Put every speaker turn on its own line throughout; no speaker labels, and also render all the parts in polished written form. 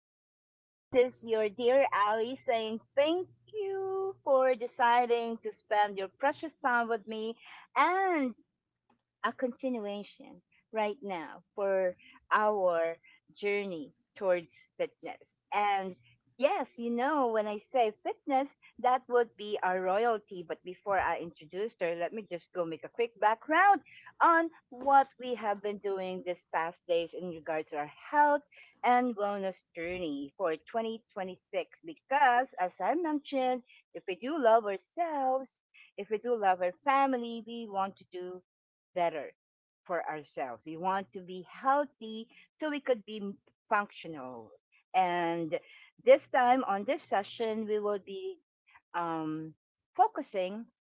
hey, this is your dear Ali saying thank you for deciding to spend your precious time with me and a continuation right now for our journey towards fitness. And yes, you know, when I say fitness, that would be our royalty. But before I introduce her, let me just go make a quick background on what we have been doing this past days in regards to our health and wellness journey for 2026. Because, as I mentioned, if we do love ourselves, if we do love our family, we want to do better for ourselves. We want to be healthy so we could be functional. And this time on this session, we will be um, focusing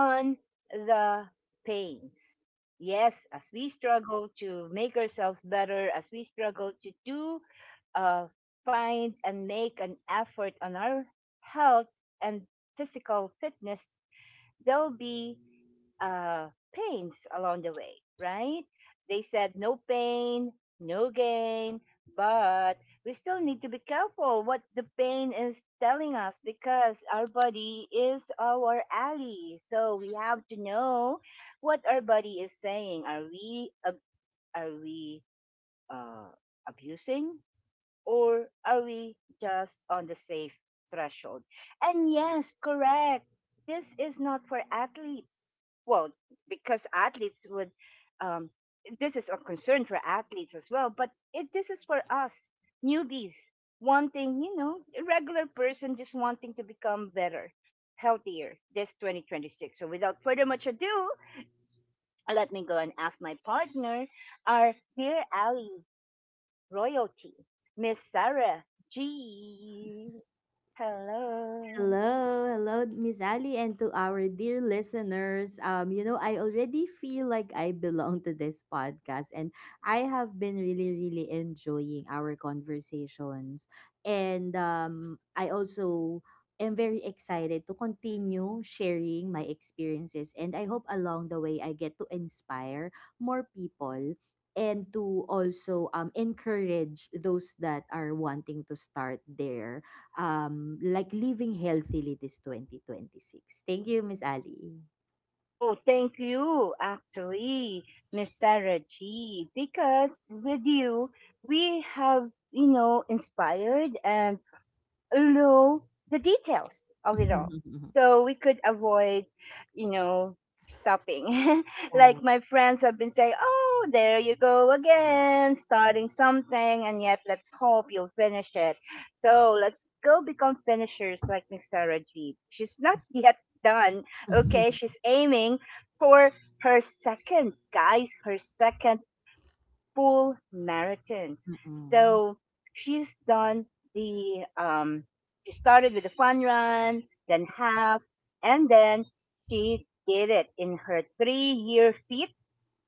on the pains. Yes, as we struggle to make ourselves better, as we struggle to do, uh, find and make an effort on our health and physical fitness, there'll be uh, pains along the way, right? They said no pain, no gain, but we still need to be careful what the pain is telling us because our body is our ally. So we have to know what our body is saying. Are we uh, abusing? Or are we just on the safe threshold? And yes, correct. This is not for athletes. Well, because athletes would, um, this is a concern for athletes as well, but this is for us, newbies, wanting, you know, a regular person just wanting to become better, healthier this 2026. So without further much ado, let me go and ask my partner, our dear Ali royalty, Miss Sarah G. Hello.
Hello, hello, Miss Ali, and to our dear listeners. I already feel like I belong to this podcast, and I have been really, really enjoying our conversations. And I also am very excited to continue sharing my experiences, and I hope along the way I get to inspire more people and to also encourage those that are wanting to start their like living healthily this 2026. Thank you, Miss Ali.
Oh, thank you, actually, Miss Sarah G. Because with you, we have, you know, inspired and know the details of it all. So we could avoid, you know, stopping.
Right.
Like my friends have been saying, oh, there you go again, starting something, and yet let's hope you'll finish it. So let's go become finishers like Miss Sarah G. She's not yet done, okay?
Mm-mm.
She's aiming for her second, guys, her second full marathon.
Mhm.
So she's done the she started with the fun run, then half, and then she did it in her 3 year feat,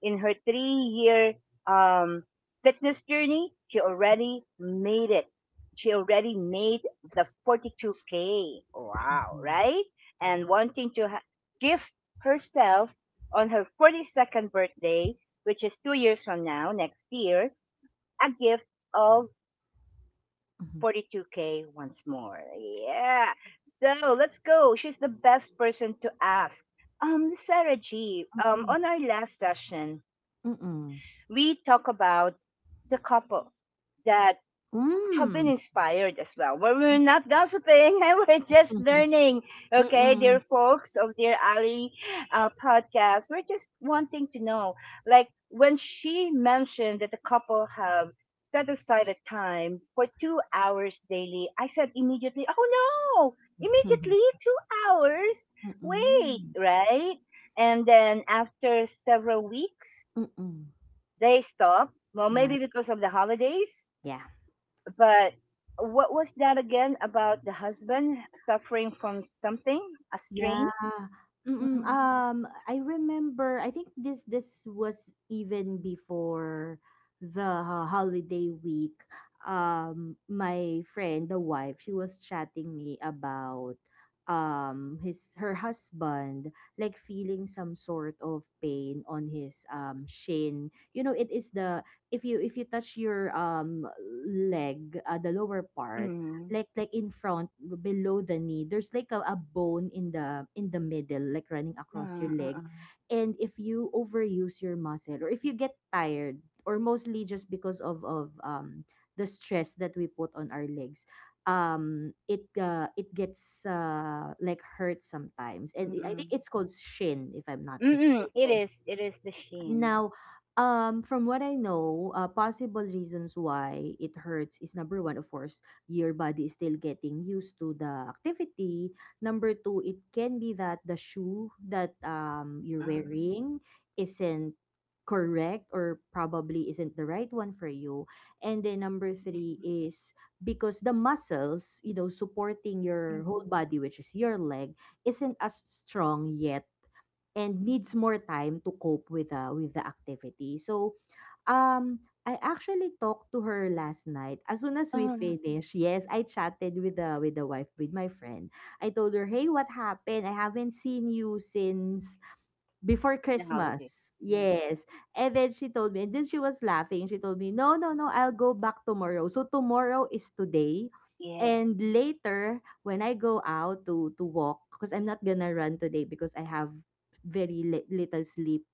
in her 3 year um fitness journey, she already made it. She already made the 42K. Wow,
Mhm.
right?
Yeah.
And gift herself on her 42nd birthday, which is 2 years from now, next year, a gift of
Mhm.
42K once more. Yeah. So let's go. She's the best person to ask. Sarah G,
Mhm.
on our last session,
Mm-mm.
we talk about the couple that have been
Mm.
inspired as well. We're not gossiping, we're just
Mhm.
learning. Okay, dear
Mm-mm.
folks of Dear Ali podcast, we're just wanting to know. Like when she mentioned that the couple have set aside a time for 2 hours daily, I said immediately, oh no,
Mhm.
immediately 2 hours?
Mm
Wait,
hmm.
right? And then after several weeks, they stopped. Well,
Yeah.
maybe because of the holidays,
Yeah.
but what was that again about the husband suffering from something, a strain?
Yeah. Mm-mm.
Mm-hmm.
I remember. I think this was even before the holiday week. My friend, the wife, she was chatting me about his her husband like feeling some sort of pain on his shin. You know, it is the— if you touch your leg, the lower part,
Mm-hmm.
like in front below the knee there's like a bone in the middle like running across your leg,
Mm-mm.
and if you overuse your muscle or if you get tired, or mostly just because of the stress that we put on our legs. It it gets like hurt sometimes, and I
Mm-mm.
think it's called shin if I'm not
Mm-mm, it
mistaken
is. It is the sheen.
now. From what I know, possible reasons why it hurts is number one, of course, your body is still getting used to the activity. Number two, it can be that the shoe that you're
Mm-mm.
wearing isn't correct or probably isn't the right one for you. And then number three is because the muscles, you know, supporting your whole
Mm-mm.
body, which is your leg, isn't as strong yet, and needs more time to cope with the activity. So, um, I actually talked to her last night. As soon as we
Oh,
finished, yes, I chatted with the wife, with my friend. I told her, "Hey, what happened? I haven't seen you since before
the holiday.
Christmas."
Yeah.
Yes. And then she told me, and then she was laughing. She told me, no, no, no, I'll go back tomorrow. So tomorrow is today.
Yes.
And later, when I go out to walk, because I'm not gonna run today because I have very little sleep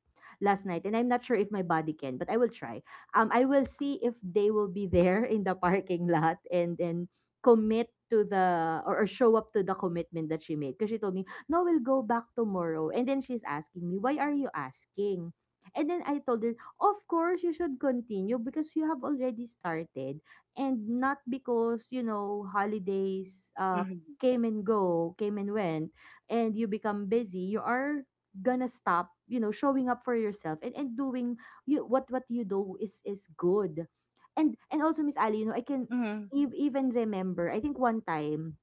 last night, and I'm not sure if my body can, but I will try. I will see if they will be there in the parking lot and then commit to the— or show up to the commitment that she made. Because she told me, "No, we'll go back tomorrow." And then she's asking me, "Why are you asking?" And then I told her, "Of course, you should continue because you have already started, and not because, you know, holidays
Mm-hmm.
came and go, came and went, and you become busy, you are gonna stop, you know, showing up for yourself and doing— you— what you do is good." And also, Miss Ali, you know, I can
Mm-mm.
even remember, I think one time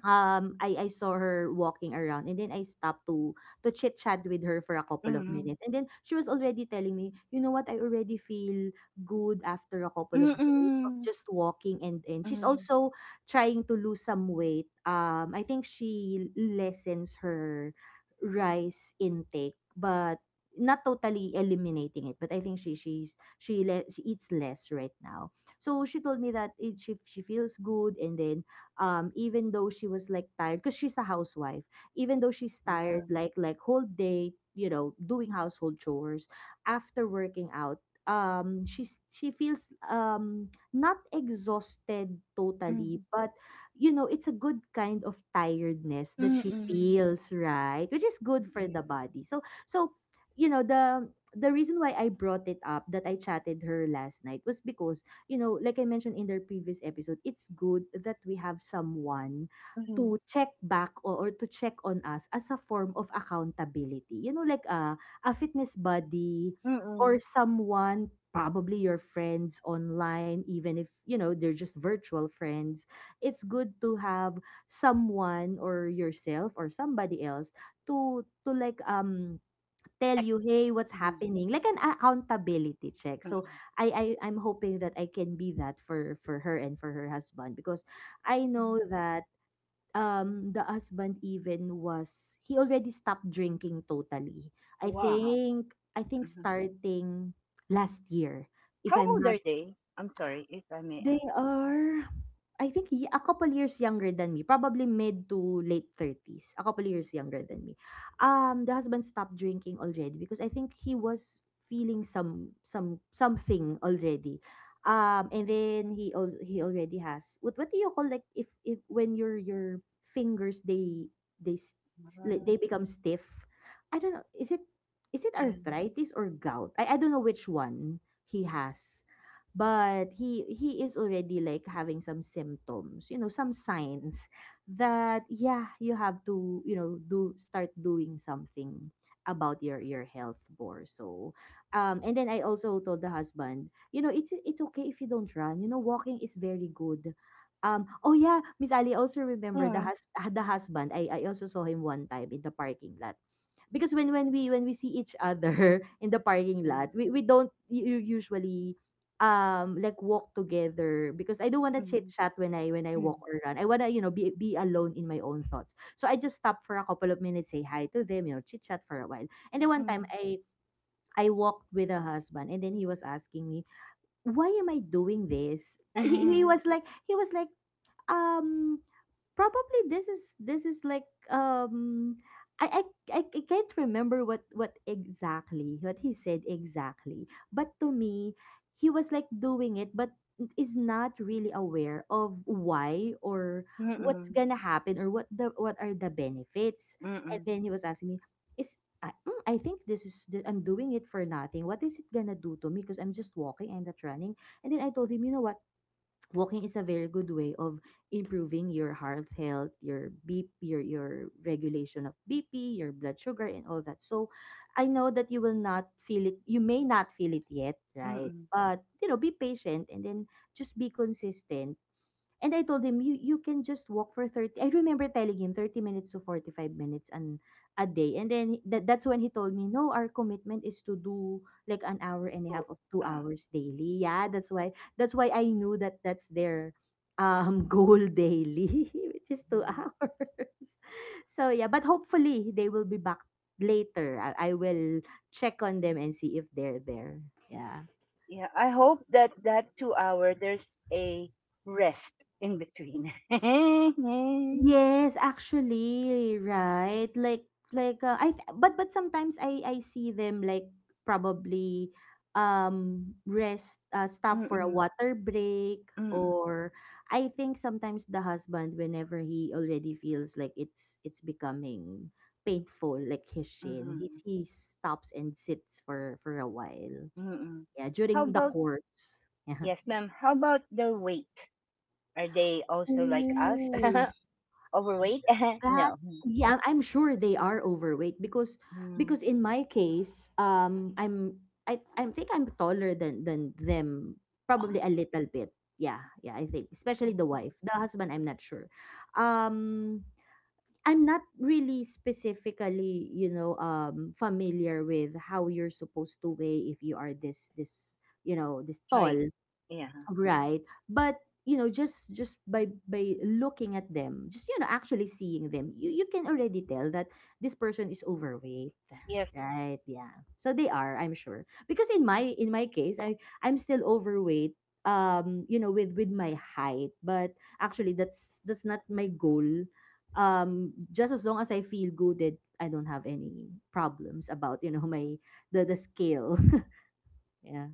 I saw her walking around, and then I stopped to chit chat with her for a couple of
Mm-mm.
minutes, and then she was already telling me, you know what, I already feel good after a couple of days of
Mm-mm.
just walking. And she's
Mm-mm.
also trying to lose some weight. I think she lessens her rice intake, but not totally eliminating it. But I think she she eats less right now. So she told me that she feels good. And then even though she was like tired because she's a housewife, even though she's
Ah,
tired, like whole day, you know, doing household chores, after working out, she feels not exhausted
mm-mm.
totally, but you know, it's a good kind of tiredness that she
Mm-mm.
feels, right, which is good for
Mm-mm.
the body. So so, you know, the reason why I brought it up, that I chatted her last night, was because, you know, like I mentioned in the previous episode, it's good that we have someone
Mm-mm.
to check back, or to check on us as a form of accountability. You know, like a fitness buddy
Mm-mm.
or someone, probably your friends online, even if, you know, they're just virtual friends. It's good to have someone, or yourself, or somebody else to like tell
Check.
you, hey, what's
Mm-mm.
happening? Like an accountability check. So I'm hoping that I can be that for her and for her husband, because I know
Mm-mm.
that the husband— even was— he already stopped drinking totally.
Wow.
I think starting last year, if
How
I'm
old
not—
are they? I'm sorry if I may
they
ask.
are, I think, ye a couple years younger than me, probably mid to late 30s, a couple years younger than me. The husband stopped drinking already because I think he was feeling some something already. And then he al he already has— what do you call, like, if when your fingers, they like,
Ah,
they become stiff. I don't know. Is it
yeah.
arthritis or gout? I don't know which one he has, but he is already like having some symptoms, you know, some signs that, yeah, you have to, you know, do start doing something about your health more. So and then I also told the husband, you know, it's okay if you don't run, you know, walking is very good. Oh yeah, Miss Ali, also remember the
Mm.
the husband, I also saw him one time in the parking lot, because when when we see each other in the parking lot, we don't usually like walk together, because I don't want to
Mm,
chit chat when I
mm, mm,
walk or run. I wanna, you know, be alone in my own thoughts. So I just stop for a couple of minutes, say hi to them, you know, chit chat for a while. And then one time
mm.
I walked with a husband, and then he was asking me, why am I doing this? He was like— he was like, um probably this is— like I, I can't remember what he said exactly, but to me, he was like doing it but is not really aware of why or what's
Mm-mm,
gonna happen or what are the benefits. And
mm-mm,
then he was asking me, is— I think this is— I'm doing it for nothing, what is it gonna do to me, because I'm just walking, I'm not running. And then I told him, you know what, walking is a very good way of improving your heart health, your BP, your regulation of BP, your blood sugar and all that. So I know that you will not feel it, you may not feel it yet, right?
mm-mm.
But you know, be patient, and then just be consistent. And I told him, you can just walk for 30— I remember telling him 30 minutes to 45 minutes and a day. And then that, that's when he told me, no, our commitment is to do like an hour and a half,
Two,
of two
uh,
hours daily. Yeah, that's why— I knew that that's their goal daily, which is
uh,
2 hours. So yeah, but hopefully they will be back later. I will check on them and see if they're there. Yeah.
yeah, I hope that that 2 hour there's a rest in between. Mm-mm,
Yes, actually, right? Like I but sometimes I see them like probably rest, stop for a
mm-mm,
water break, or I think sometimes the husband, whenever he already feels like it's becoming painful, like his shin,
mm-mm,
he stops and sits for a while.
mm-mm.
Yeah,
How
during the
about,
course. Yeah.
yes, ma'am, how about their weight? Are they also like us?
Ooh.
Overweight?
That—
No.
yeah, I'm sure they are overweight, because
Mm-hmm.
in my case, I think I'm taller than them,
Oh,
probably a little bit. Yeah, yeah, I think especially the
oh,
wife, the husband, I'm not sure. Um, I'm not really specifically, you know, familiar with how you're supposed to weigh if you are this you know, this
height.
tall.
Yeah.
Right. But you know, just by looking at them, just, you know, actually seeing them, you can already tell that this person is overweight.
Yes.
Right? Yeah. So they are, I'm sure. Because in my case, I'm still overweight, you know, with my height, but actually that's— not my goal. Just as long as I feel good, that I don't have any problems about, you know, my— the scale. Yeah.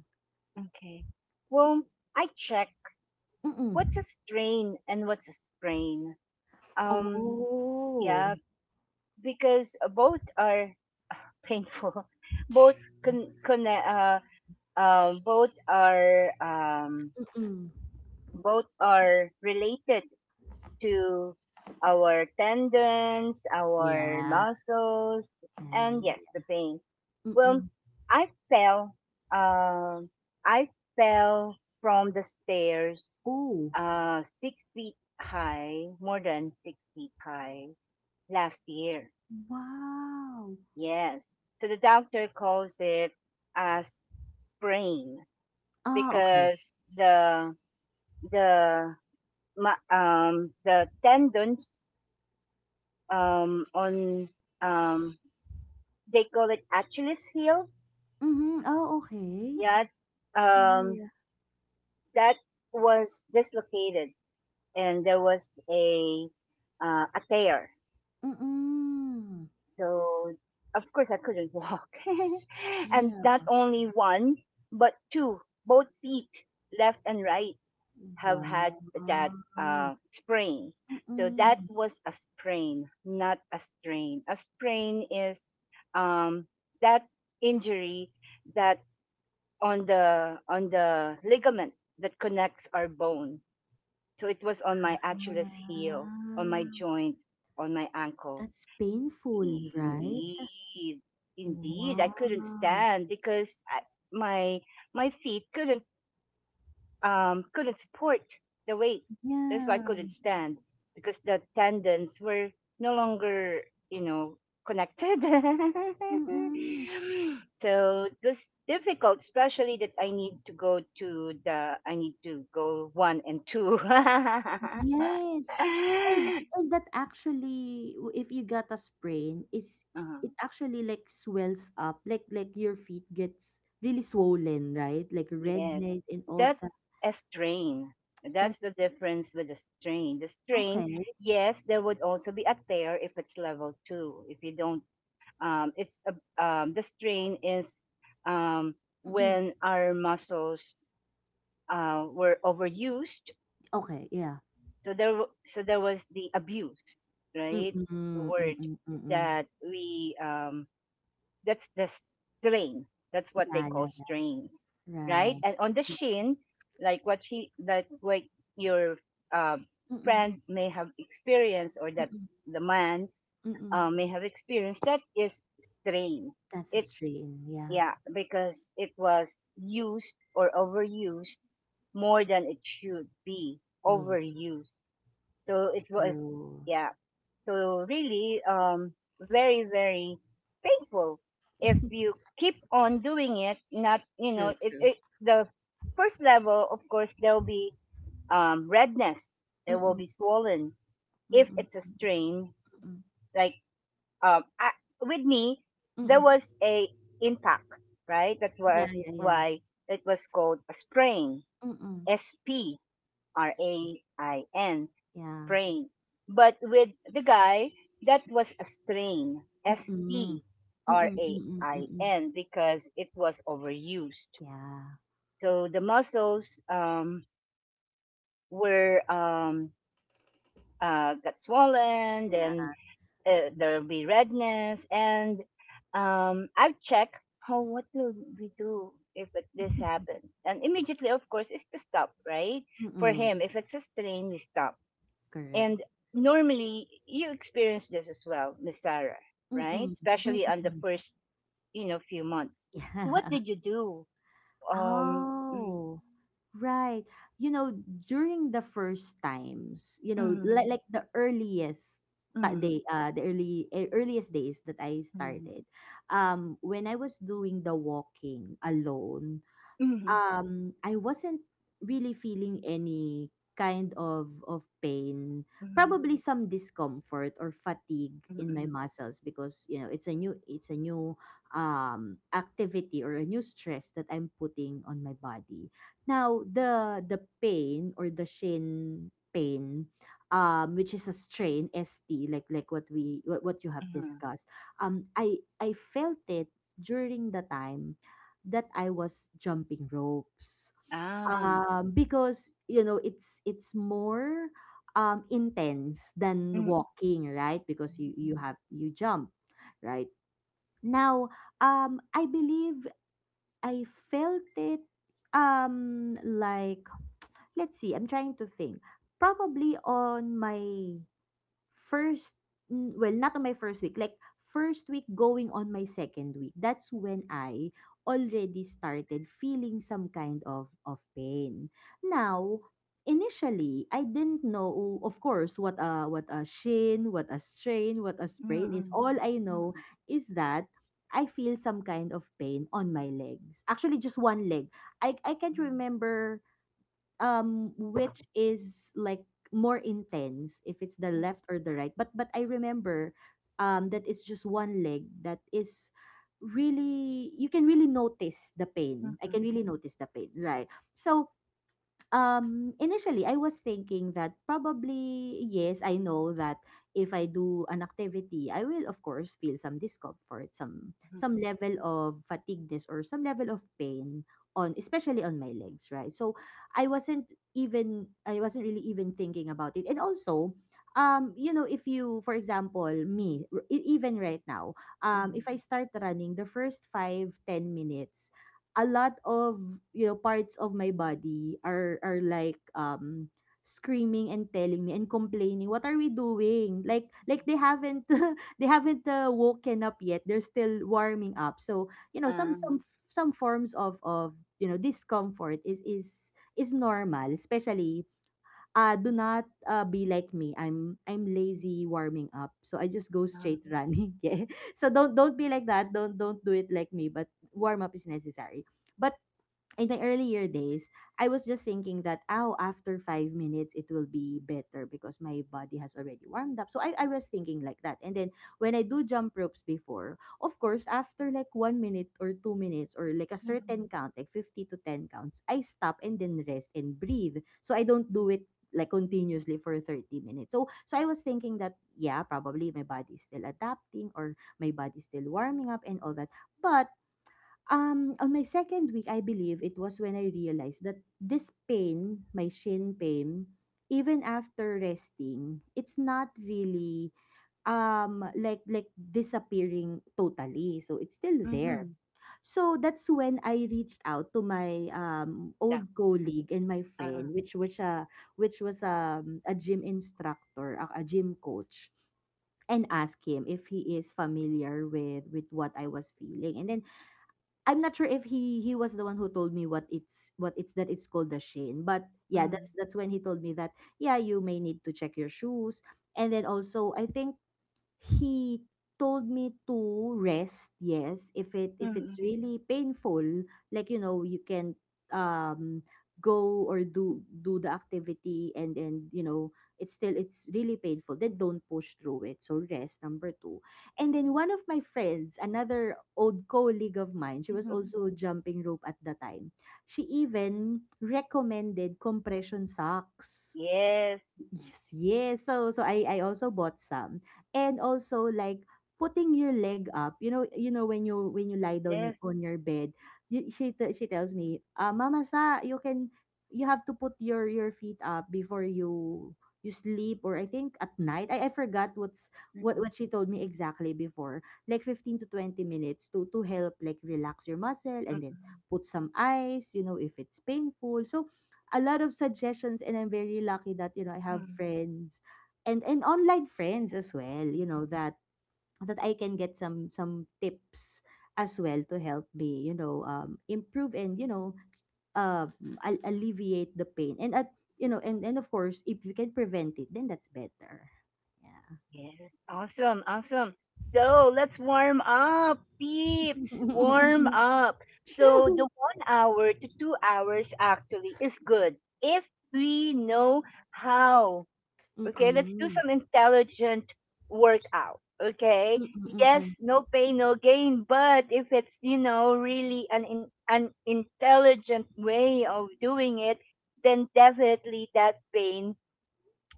Okay. Well, I check what's a
Mm-mm.
strain and what's a sprain. Um,
Oh.
yeah, because both are painful. both con, con uh, both are um
Mm.
both are related to our tendons, our
Yeah,
muscles,
yeah,
and yes, the
yeah,
pain.
yeah.
Well,
Mm.
I fell. Um, I fell from the stairs,
Oh,
6 feet high, more than 6 feet high, last year.
wow.
Yes. So the doctor calls it a sprain
Ah, okay.
because the the tendons on um they call it Achilles heel.
Mhm. Oh, okay.
Yeah,
Yeah, yeah,
um
yeah.
that was dislocated and there was a tear.
Mm.
So of course I couldn't walk, and not
Yeah.
only one but two, both feet, left and right, have had
Wow.
that sprain. So that
Mm.
was a sprain, not a strain. A sprain is um, that injury that on the ligament that connects our bone. So it was on my Achilles heel, on my
Wow.
joint, on my ankle.
That's painful, right?
Indeed, indeed, I couldn't
Wow.
stand because my my feet couldn't support the weight. That's why I
Yeah.
couldn't stand because the tendons were no longer, you know, connected.
Mm.
So it was difficult, especially that I need to go one and 2.
Yes. And that actually, if you got a sprain, is it actually like swells up, like your feet gets really swollen, right? Like
Yes,
redness and all that.
that's a strain.
That's
That's the difference with the strain. The strain,
okay.
yes, there would also be a tear if it's level two, if you don't. Um, it's a, the strain is um,
Mm-mm.
when our muscles were overused.
Okay, yeah.
So there, so there was the abuse, right? The
Mm-mm,
word
mm-mm, mm-mm.
that we that's the strain. That's what they
Yeah,
call
yeah,
strains,
yeah.
right?
Right.
And on the shin, like what your uh,
Mm-mm,
friend may have experienced, or that
mm-mm,
the man
mm-mm.
may have experienced, that is strain.
That's a
It
strain. Yeah.
Yeah, because it was used or overused more than it should be
Yeah.
overused. So it was,
True.
yeah. So really, very, very painful. If you keep on doing it, not, you know,
True, true.
the first level, of course, there will be, redness. There will
Mm-mm,
be swollen. If it's a
mm-mm,
strain,
mm-mm,
like um, I, with me, there
mm-mm.
was a impact, right? That
Yeah,
was
yeah, yeah.
why it was called a sprain,
Mm-mm.
S P R
Sp-
A I N,
Yeah.
sprain. But with the guy, that was a strain, S
Mm.
T R
Mm,
A
mm,
I
mm.
N, because it was overused.
Yeah.
So the muscles were got swollen, then
Yeah.
there'll be redness and I've checked. Oh, what will we do if it, this happens? And immediately, of course, is to stop, right? For
Mm.
him, if it's a strain, we stop.
Correct.
And normally you experience this as well, Miss Sarah, right?
Mm.
Especially on the
Mm.
first, you know, few months, what
Yeah.
did you do? Um mm,
Oh, right. You know, during the first times, like
mm,
like the earliest
mm,
day, the early earliest days that I
mm,
started, when I was doing the walking alone,
mm, mm,
I wasn't really feeling any kind of pain,
mm,
probably some discomfort or fatigue
mm,
in my
mm,
muscles because it's a new, it's a new activity or a new stress that I'm putting on my body. Now the pain or the shin pain, which is a strain, ST, like what we, what you have
mm.
discussed, I felt it during the time that I was jumping ropes.
ah
Because it's it's more intense
mm, mm,
than walking, right? Because
mm,
you
mm.
have, you jump, right? Now, I believe I felt it like, let's see, I'm trying to think. Probably on my first, well, not on my first week, like first week going on my second week. That's when I already started feeling some kind of pain. Now initially I didn't know, of course, what a shin, what a strain, what a
Mm,
sprain is.
mm,
All I know
mm,
is that I feel some kind of pain on my legs, actually just one leg. I can't remember, which is like more intense, if it's the
mm,
left or the right, but I remember that it's just one leg that is really, you can really notice the
mm,
pain, I can
mm,
really notice the pain, right? So initially, I was thinking that probably, yes, I know that if I do an activity, I will, of course, feel some discomfort, some
mm,
level of fatigueness or some level of pain on, especially on my legs, right? So I wasn't really even thinking about it. And also, you know, if you, for example, me, even right now, if
mm.
I start running the first five, 10 minutes, a lot of, you know, parts of my body are like, screaming and telling me and complaining, what are we doing, like they haven't they haven't woken up yet, they're still warming up. So you know,
Ah,
some forms of, you know, discomfort is normal, especially. Do not be like me. I'm lazy warming up, so I just go straight running. Yeah. So don't be like that. Don't do it like me. But warm up is necessary. But in my earlier days, I was just thinking that, oh, after 5 minutes, it will be better because my body has already warmed up. So I was thinking like that. And then when I do jump ropes before, of course, after like 1 minute or 2 minutes or like a certain
mhm,
count, like 50 to 10 counts, I stop and then rest and breathe. So I don't do it like continuously for 30 minutes. So so I was thinking that, yeah, probably my body is still adapting or my body is still warming up and all that. But on my second week, I believe it was when I realized that this pain, my shin pain, even after resting, it's not really like disappearing totally. So it's still there.
mhm.
So that's when I reached out to my old
Definitely.
colleague and my friend,
Ah,
which was a, which was a gym instructor, a gym coach, and asked him if he is familiar with, what I was feeling. And then I'm not sure if he was the one who told me what it's, that it's called the shin, but yeah,
mm,
that's when he told me that, yeah, you may need to check your shoes, and then also I think he told me to rest, yes, if it
mm,
if it's
mm,
really painful, like, you know, you can um go or do the activity and you know, it's still, it's really painful, then don't push through it. So rest, number two. And then one of my friends, another old colleague of mine, she was
mhm.
also jumping rope at the time, she even recommended compression socks.
Yes,
Yes, yes. So so I also bought some. And also like putting your leg up. You know, you know, when you, when you lie down,
yes.
on your bed, you, she tells me, "Ah, Mama Sa, you can, you have to put your feet up before you, you sleep, or I think at night. I forgot what's,
Mm,
what she told me exactly before." Like 15 to 20 minutes to help like relax your muscle, and
mm,
then
mm,
put some ice, you know, if it's painful. So a lot of suggestions, and I'm very lucky that, you know, I have
mm.
friends, and online friends as well, you know, that that I can get some tips as well to help me, you know, improve, and you know, um, alleviate the pain. And at, you know, and of course, if you can prevent it, then that's better. Yeah.
Yes. Awesome, awesome. So let's warm up, peeps. Warm up. So the
True.
1 hour to 2 hours actually is good if we know how. Okay, let's do
Mm-mm.
some intelligent workout. Okay,
Mm-mm-mm.
yes, no pain, no gain. But if it's, you know, really an intelligent way of doing it, then definitely that pain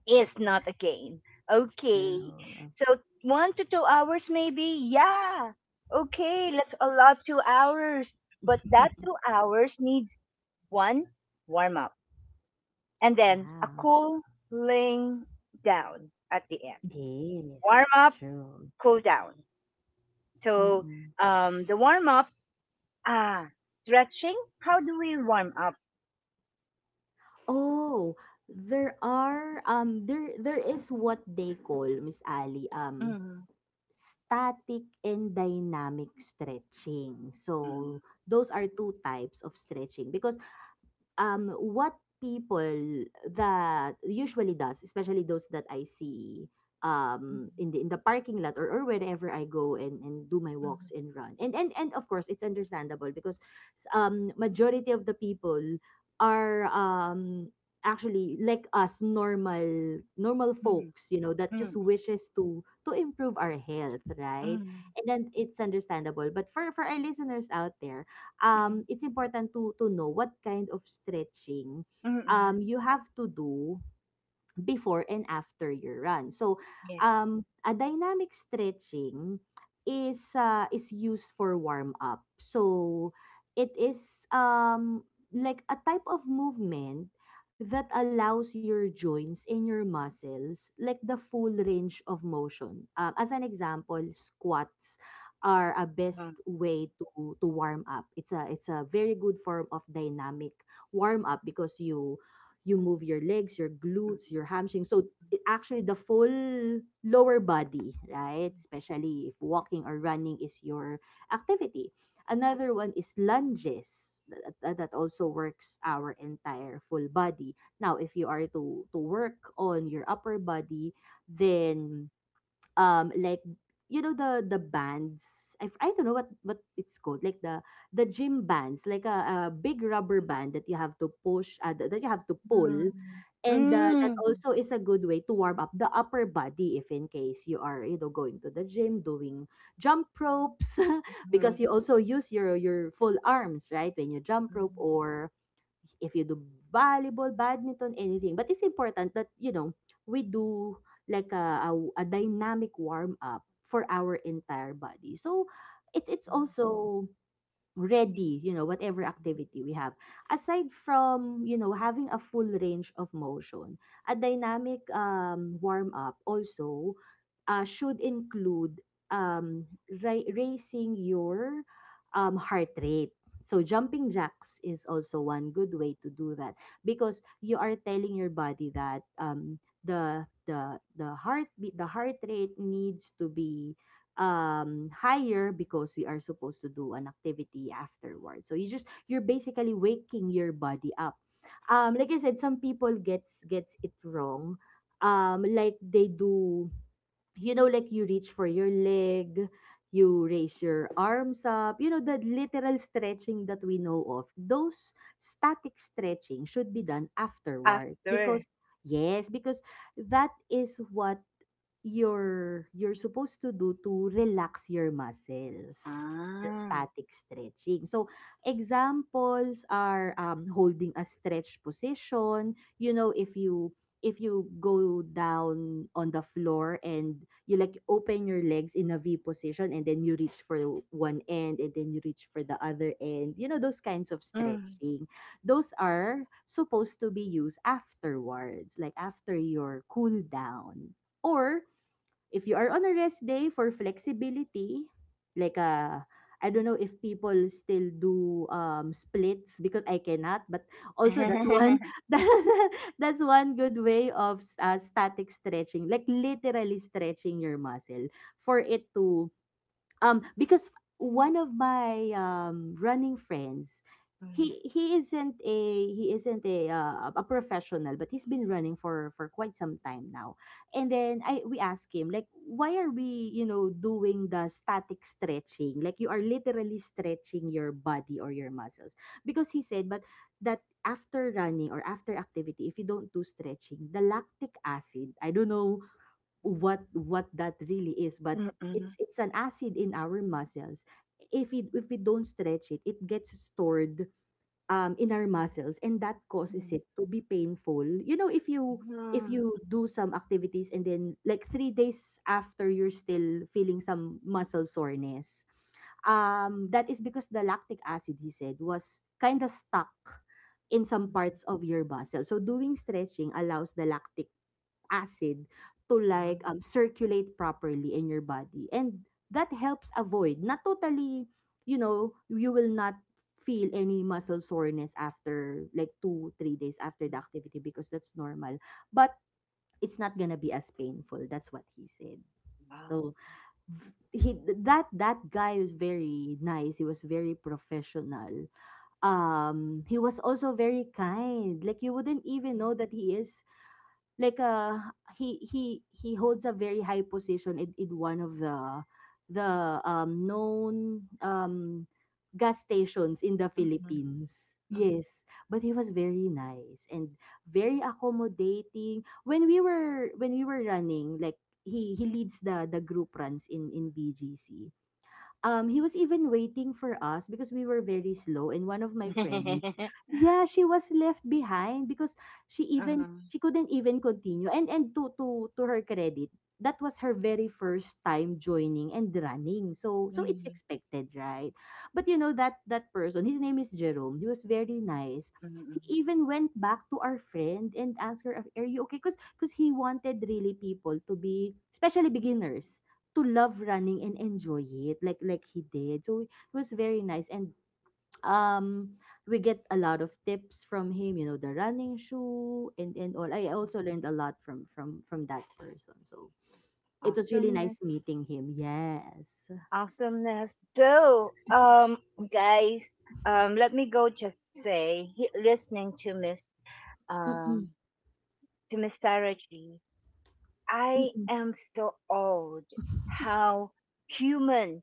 is not a gain. Okay,
True.
so 1 to 2 hours maybe. Yeah. Okay, let's allot 2 hours, but that 2 hours needs one warm up and then a
Yeah.
cooling down at the end.
Yes.
Warm up,
True.
cool down. So
Mm-mm.
the warm up, ah, stretching. How do we warm up?
Oh, there are there, there is what they call, Miss Ali,
Mm,
static and dynamic stretching. So
mm,
those are two types of stretching. Because what people that usually does, especially those that I see
mm,
in the, in the parking lot, or wherever I go and do my walks and run, and of course it's understandable, because majority of the people are actually like us, normal, normal
mm, mm,
folks, you know, that just wishes to improve our health,
mm,
right?
mm,
And then it's understandable. But for our listeners out there, it's important to know what kind of stretching
mm, mm.
you have to do before and after your run. So,
Yes.
a dynamic stretching is, is used for warm up. So, it is, like a type of movement that allows your joints and your muscles like the full range of motion. As an example, squats are a best
Mm,
way to warm up. It's a, it's a very good form of dynamic warm up because you move your legs, your glutes, your
mm,
hamstrings. So it, actually the full lower body, right? Especially if walking or running is your activity. Another one is lunges. That, that also works our entire full body. Now, if you are to work on your upper body, then, like, you know, the bands, I don't know what it's called, like the gym bands, like a big rubber band that you have to push, that, that you have to pull,
mm,
and that
mm,
also is a good way to warm up the upper body, if in case you are, you know, going to the gym doing jump ropes,
mm.
because you also use your full arms, right, when you jump rope, or if you do volleyball, badminton, anything. But it's important that, you know, we do like a dynamic warm up for our entire body. So it's also ready, you know, whatever activity we have. Aside from, you know, having a full range of motion, a dynamic warm up also should include um, raising your heart rate. So jumping jacks is also one good way to do that because you are telling your body that the heartbeat, the heart rate needs to be higher because we are supposed to do an activity afterwards. So you're basically waking your body up. Like I said, some people gets it wrong. Like they do, you know, like you reach for your leg, you raise your arms up, the literal stretching that we know of. Those static stretching should be done afterward
After.
because — yes, because that is what you're supposed to do to relax your muscles, the
Ah.
static stretching. So examples are holding a stretch position. You know, if you go down on the floor and you, like, open your legs in a V position, and then you reach for one end, and then you reach for the other end, you know, those kinds of
Mm.
stretching. Those are supposed to be used afterwards, like after your cool down, or if you are on a rest day for flexibility, like, I don't know if people still do, splits because I cannot, but also that's one that's that's one good way of, static stretching, like literally stretching your muscle for it to — because one of my running friends — he isn't a, a professional, but he's been running for quite some time now. And then I we asked him, like, why are we, doing the static stretching? Like, you are literally stretching your body or your muscles. Because he said, but that, after running or after activity, if you don't do stretching, the lactic acid — I don't know what that really is,
Mm,
but
mm, mm,
it's — an acid in our muscles. If it if we don't stretch it gets stored in our muscles, and that causes
mm,
it to be painful. You know, if
mm.
you do some activities and then, like, 3 days after, you're still feeling some muscle soreness. That is because the lactic acid, he said, was kind of stuck in some parts of your muscle. So doing stretching allows the lactic acid to, like,
Mm,
circulate properly in your body, and that helps avoid — not totally, you know — you will not feel any muscle soreness after, like, 2, 3 days after the activity, because that's normal, but it's not gonna be as painful. That's what he said. So he — that guy was very nice. He was very professional. He was also very kind, like you wouldn't even know that he is, like, he holds a very high position in, one of the known, gas stations in the
mm,
Philippines. Yes, but he was very nice and very accommodating. When we were running, like, he leads the group runs in BGC. He was even waiting for us because we were very slow. And one of my friends —
mm.
yeah — she was left behind because
Mm,
she couldn't even continue. And to her credit, that was her very first time joining and running. So it's
mm,
expected, right? But you know, that person, his name is Jerome. He was very nice.
mm, mm.
He even went back to our friend and asked her, "Are you okay?" Because he wanted really people to be, especially beginners, to love running and enjoy it like he did. So it was very nice, and um we get a lot of tips from him, you know, the running shoe and all. I also learned a lot from from that person. So it was really
Awesomeness.
nice meeting him. Yes.
Awesomeness. So, guys, let me go just say, listening to
Mm-mm,
um, Miss Sarah G, I
mm-mm.
am so old how human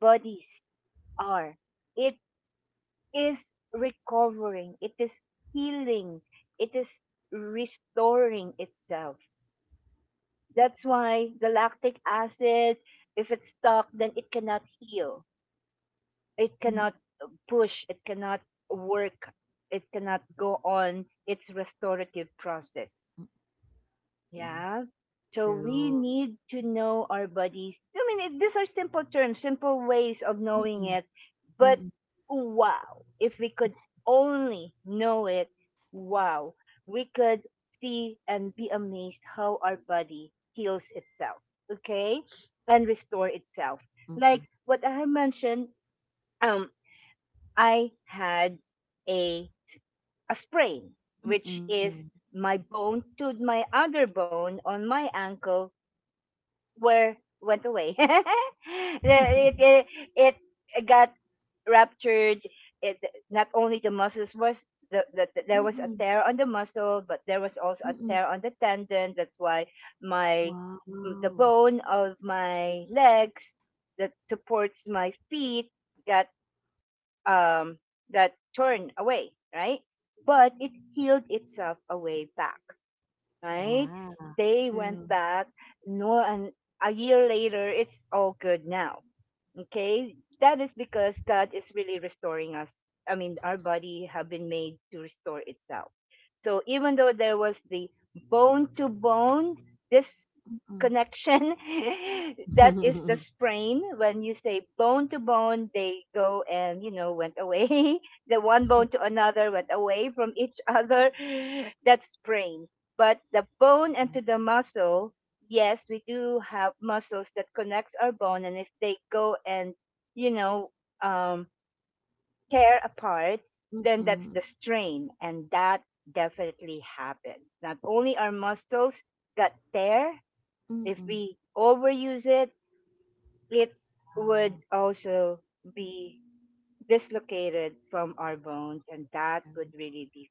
bodies are. It is recovering. It is healing. It is restoring itself. That's why galactic acid, if it's stuck, then it cannot heal, it
Mm,
cannot push, it cannot work, it cannot go on its restorative process.
mm. Yeah.
Yeah. So we
True.
need to know our bodies. These are simple terms, simple ways of knowing
Mm-mm,
it. But
mm-mm,
wow, if we could only know it, wow, we could see and be amazed how our body heals itself. Okay, and restore itself,
mm-mm,
like what I mentioned. um I had a a sprain, which
mm-mm.
is my bone to my other bone on my ankle where went away. It it got ruptured. It Not only the muscles was there
Mm-mm,
was a tear on the muscle, but there was also
mm-mm.
a tear on the tendon. That's why my
Wow.
the bone of my legs that supports my feet got um, that torn away, right? But it healed itself a way back,
Yeah.
right? They
True.
went back, no, and a year later, it's all good now. Okay, that is because God is really restoring us. I mean, our body have been made to restore itself. So even though there was the bone to bone, this connection, that
Mm-mm.
is the sprain. When you say bone to bone, they go and, you know, went away. The one bone to another went away from each other. That's sprain. But the bone and to the muscle, yes, we do have muscles that connects our bone, and if they go and you know um, tear apart, then
Mm,
that's the strain, and that definitely happens. Not only our muscles that tear, if
mm.
we overuse it, it
Ah,
would also be dislocated from our bones, and that
true.
would really be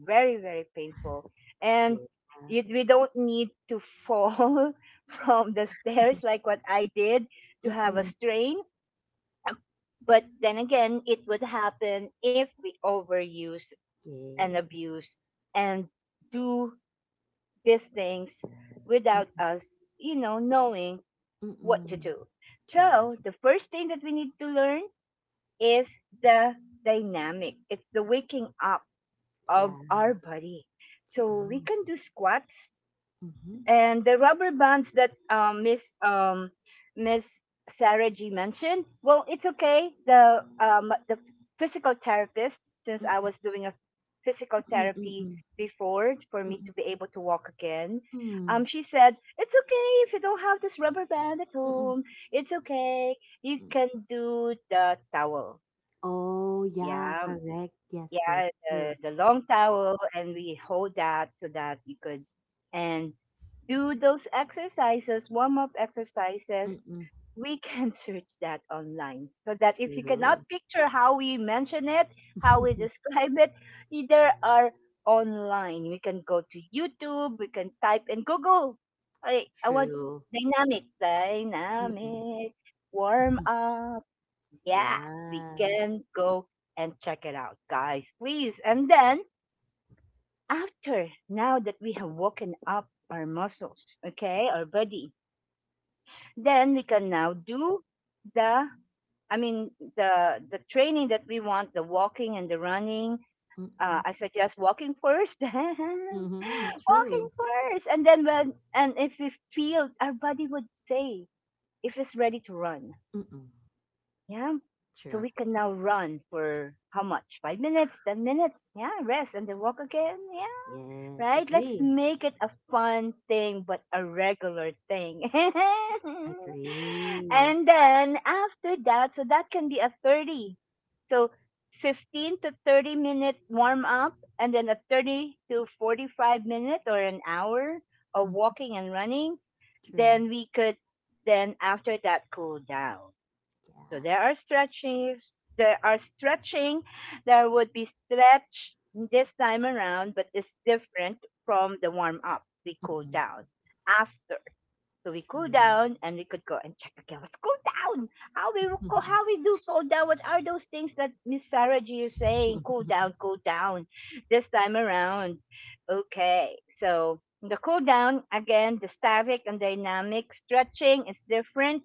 very very painful.
Yeah.
And we don't need to fall from the stairs like what I did to have a
Mm.
strain, but then again it would happen if we overuse and
Yes.
abuse and do these things without
Mm.
us knowing what to
Mm-mm.
do.
True.
So the first thing that we need to learn is the dynamic. It's the waking up
Yeah.
of our body. So we
True.
can do squats
Mhm.
and the rubber bands that Miss Sarah G mentioned. Well, it's okay. The physical therapist, since
Mm,
I was doing a physical
mm, mm,
therapy
mm,
before for me
mm,
to be able to walk again,
mm,
she said it's okay if you don't have this rubber band at
mm,
home. It's okay. You
mm.
can do the towel.
Oh, yeah.
Yeah,
Correct. Yes. Yes.
yeah, the,
True.
the long towel, and we hold that so that you could and do those exercises, warm up exercises.
Mm-mm.
We can search that online so that if you cannot
True.
picture how we mention it, how we describe it, there are online. We can go to YouTube, we can type in Google. I want
True.
dynamic,
Mm-mm.
warm up. Yeah, we
Yes.
can go and check it out, guys, please. And then after, now that we have woken up our muscles, okay, our body, then we can now do the, I mean, the training that we want, the walking and the running.
Mm-mm.
I suggest walking first,
Mm-hmm.
walking
True.
first, and then when and if we feel our body would say if it's ready to run.
Mm-mm.
Yeah. So
True.
we can now run for how much? 5 minutes, 10 minutes? Yeah, rest and then walk again. Yeah,
Yes.
right? Let's
Agree.
make it a fun thing, but a regular thing.
Agree.
And then after that, so that can be a 30. So 15 to 30 minute warm up, and then a 30 to 45 minute or an hour of
Mm,
walking and running.
true.
Then we could, then after that, cool down. So
Yeah.
there are stretches. There are stretching. There would be stretch this time around, but it's different from the warm up. We cool
Mm-mm.
down after. So we cool
True.
down and we could go and check again. What's cool down? How we do cool down? What are those things that Miss Sarah G is saying? Cool down, cool down. This time around. Okay. So the cool down again, the static and dynamic stretching is different.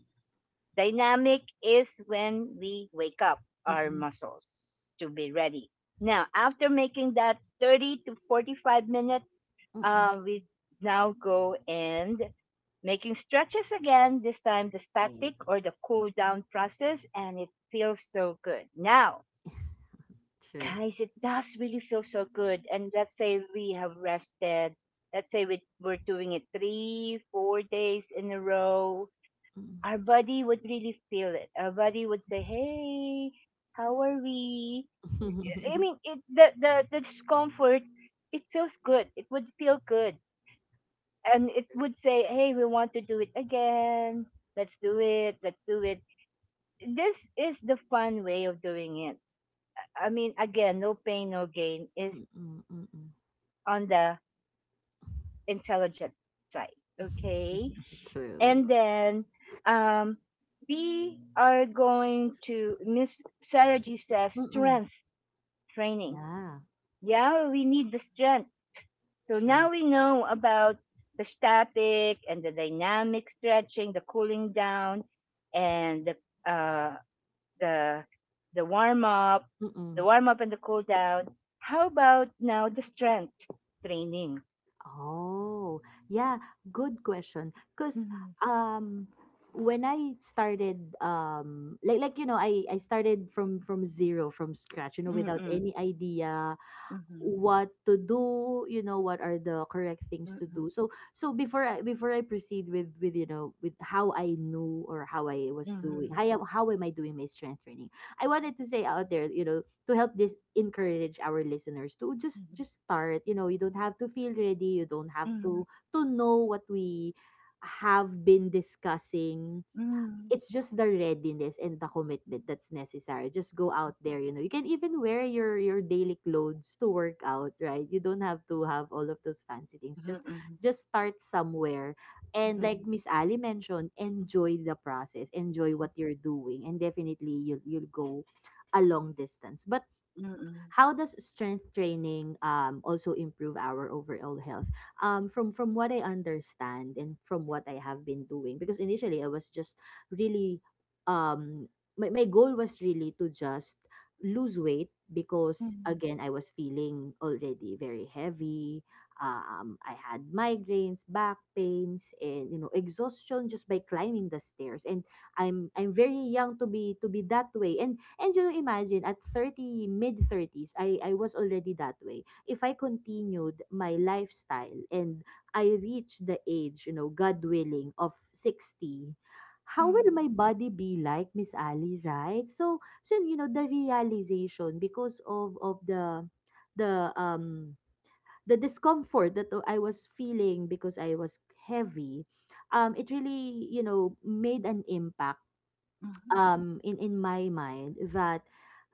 Dynamic is when we wake up our
Mm-mm.
muscles to be ready. Now, after making that 30 to 45 minutes,
Mm-mm.
we now go and making stretches again, this time the
It
static
is.
or the cool down process, and it feels so good. Now,
True.
guys, it does really feel so good. And let's say we have rested. Let's say we're doing it 3, 4 days in a row.
Mm.
Our body would really feel it. Our body would say, "Hey, how are we?" I
Mm-mm.
mean, the discomfort. It feels good. It would feel good, and it would say, "Hey, we want to do it again. Let's do it. Let's do it." This is the fun way of doing it. I mean, again, no pain, no gain is
Mm-mm.
on the intelligent side. Okay,
True.
and then um, we are going to, Miss Sarah G says,
Mm-mm.
strength training.
Yeah.
Yeah, we need the strength. So now
True.
we know about the static and the dynamic stretching, the cooling down, and uh, the the warm up, the
Mm-mm.
warm up and the cool down. How about now the strength training?
Oh, yeah, good question. Because
Mm-hmm.
um when I started, like you know, I started from zero, from scratch, you know, without
Mm-mm.
any idea
Mm-hmm.
what to do. You know, what are the correct things to
Mm-mm.
do? So before I proceed with, you know, with — how I knew or how I was doing
Mm-hmm.
how am I doing my strength training — I wanted to say out there, you know, to help — this encourage our listeners to just
Mm-hmm.
just start. You know, you don't have to feel ready. You don't have
Mm-hmm.
to know what we have been discussing.
Mm-hmm.
It's just the readiness and the commitment that's necessary. Just go out there, you know. You can even wear your daily clothes to work out, right? You don't have to have all of those fancy things. Just
Mhm, mhm,
just start somewhere. And like Miss Ali mentioned, enjoy the process, enjoy what you're doing, and definitely you'll go a long distance. But
mhm,
how does strength training, also improve our overall health? From what I understand, and from what I have been doing, because initially I was just really, um, my goal was really to just lose weight, because
mhm,
again I was feeling already very heavy. I had migraines, back pains, and, you know, exhaustion just by climbing the stairs. And I'm very young to be, that way. And you imagine, at 30, mid 30s, I was already that way. If I continued my lifestyle and I reached the age, you know, God willing, of 60, how will my
mhm,
body be, like, Miss Ali, right? So you know, the realization, because of, the, the, um, the discomfort that I was feeling because I was heavy, it really, you know, made an impact
mhm,
in my mind, that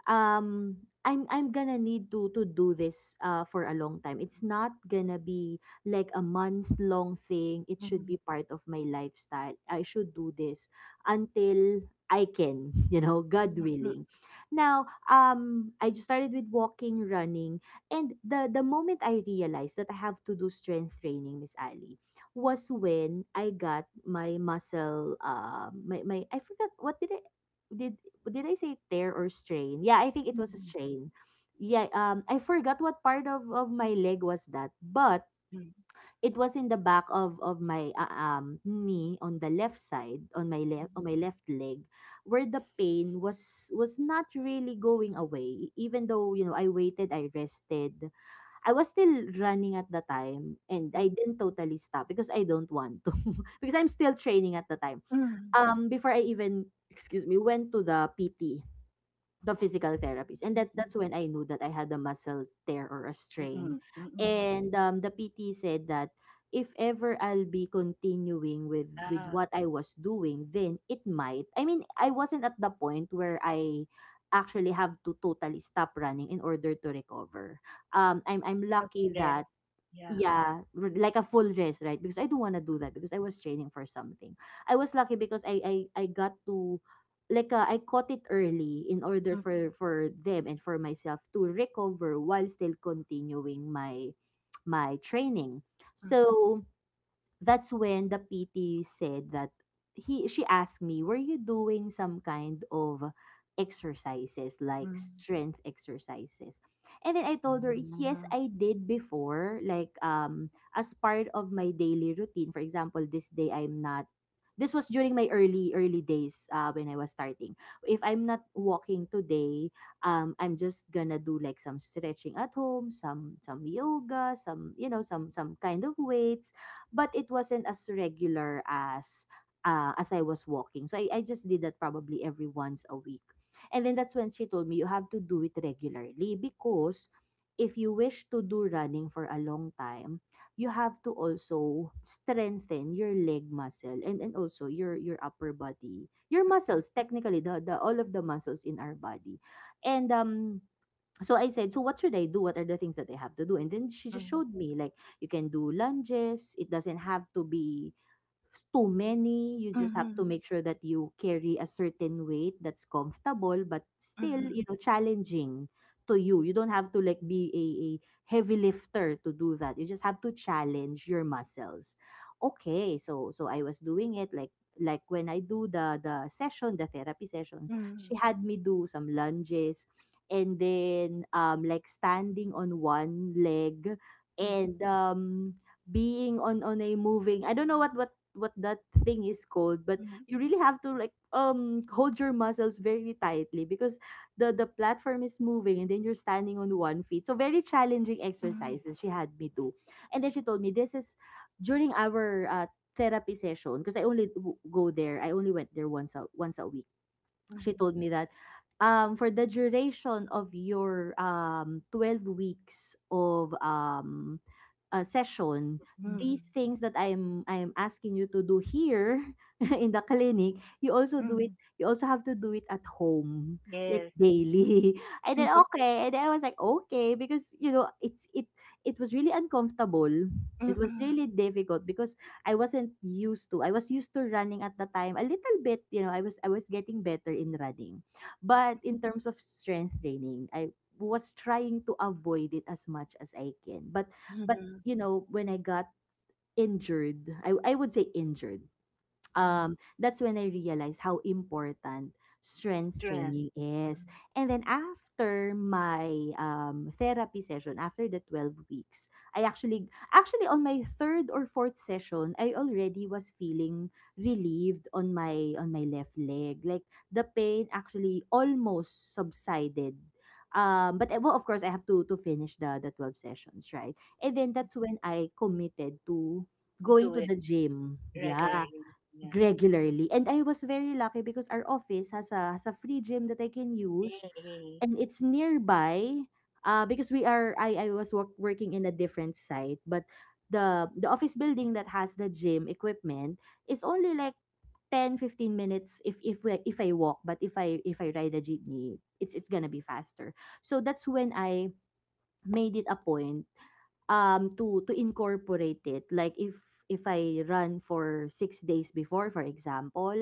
um I'm gonna need to do this for a long time. It's not gonna be like a month long thing. It should
mhm,
be part of my lifestyle. I should do this until I can, you know, God
mhm, mhm,
willing. Now, I just started with walking, running, and the moment I realized that I have to do strength training, Miss Ali, was when I got my muscle — my — I forgot, what did I did did I say, tear or strain? Yeah, I think it was a
mhm,
strain. Yeah. I forgot what part of, my leg was that, but it was in the back of, my knee on the left side, on my left, leg, where the pain was not really going away. Even though, you know, I waited, I rested. I was still running at the time, and I didn't totally stop because I don't want to, because I'm still training at the time,
mhm,
before I even — excuse me — went to the PT, the physical therapist. And that's when I knew that I had a muscle tear or a
mhm,
strain.
mhm, mhm.
And the PT said that if ever I'll be continuing with
Yeah,
what I was doing, then it might — I mean, I wasn't at the point where I actually have to totally stop running in order to recover. I'm lucky that —
self-rest. Yeah.
yeah, like a full dress, right, because I don't want to do that because I was training for something. I was lucky because I got to, like, I caught it early in order for
Mhm,
them, and for myself to recover while still continuing my training.
mhm,
So that's when the PT said that — he she asked me, "Were you doing some kind of exercises, like
mhm,
strength exercises?" And then I told her, "Yes,
mhm,
I did before, like, as part of my daily routine. For example, this day I'm not this was during my early days, when I was starting. If I'm not walking today, I'm just gonna do, like, some stretching at home, some yoga, some, you know, some kind of weights, but it wasn't as regular as, as I was walking. So I just did that, probably every once a week. And then that's when she told me you have to do it regularly because if you wish to do running for a long time, you have to also strengthen your leg muscle, and also your upper body, your muscles — technically the, all of the muscles in our body. And so I said, so what should I do, what are the things that I have to do? And then she just showed me, like, you can do lunges, it doesn't have to be too many. You just have to
mhm,
make sure that you carry a certain weight that's comfortable, but still,
mhm,
you know, challenging to you. You don't have to, like, be a heavy lifter to do that. You just have to challenge your muscles. Okay, so I was doing it like when I do the session, the therapy sessions,
mhm,
she had me do some lunges and then like standing on one leg
mhm, mhm, mhm,
and being on a moving, I don't know what that thing is called, but
mhm,
you really have to hold your muscles very tightly because the platform is moving and then you're standing on 1 feet, so very challenging exercises she had me do. And then she told me this is during our therapy session because I only went there once a week. She
mhm,
told me that for the duration of your 12 weeks of session,
mhm,
these things that I'm asking you to do here in the clinic, you also do
mhm.
it. You also have to do it at home, like
Yes.
daily. And then
Mhm,
okay, and then I was like okay because you know it was really uncomfortable. It was
mhm,
really difficult because I wasn't used to. I was used to running at the time a little bit. You know, I was getting better in running, but in terms of strength training, I was trying to avoid it as much as I can. But
mhm,
you know, when I got injured, I would say injured,
mhm.
that's when I realized how important strength
Strength.
training is. And then after my therapy session, after the 12 weeks, I actually on my third or fourth session, I already was feeling relieved on my left leg. Like the pain actually almost subsided. But well, of course, I have to finish the 12 sessions, right? And then that's when I committed to
Do
going to
it
the gym. Yeah,
regularly. Yeah.
regularly. And I was very lucky because our office has a free gym that I can use and it's nearby. Because we are I was work, working in a different site, but the office building that has the gym equipment is only like 10-15 minutes if I walk, but if I ride a jeepney, it's going to be faster. So that's when I made it a point to incorporate it. Like if I run for 6 days before, for example,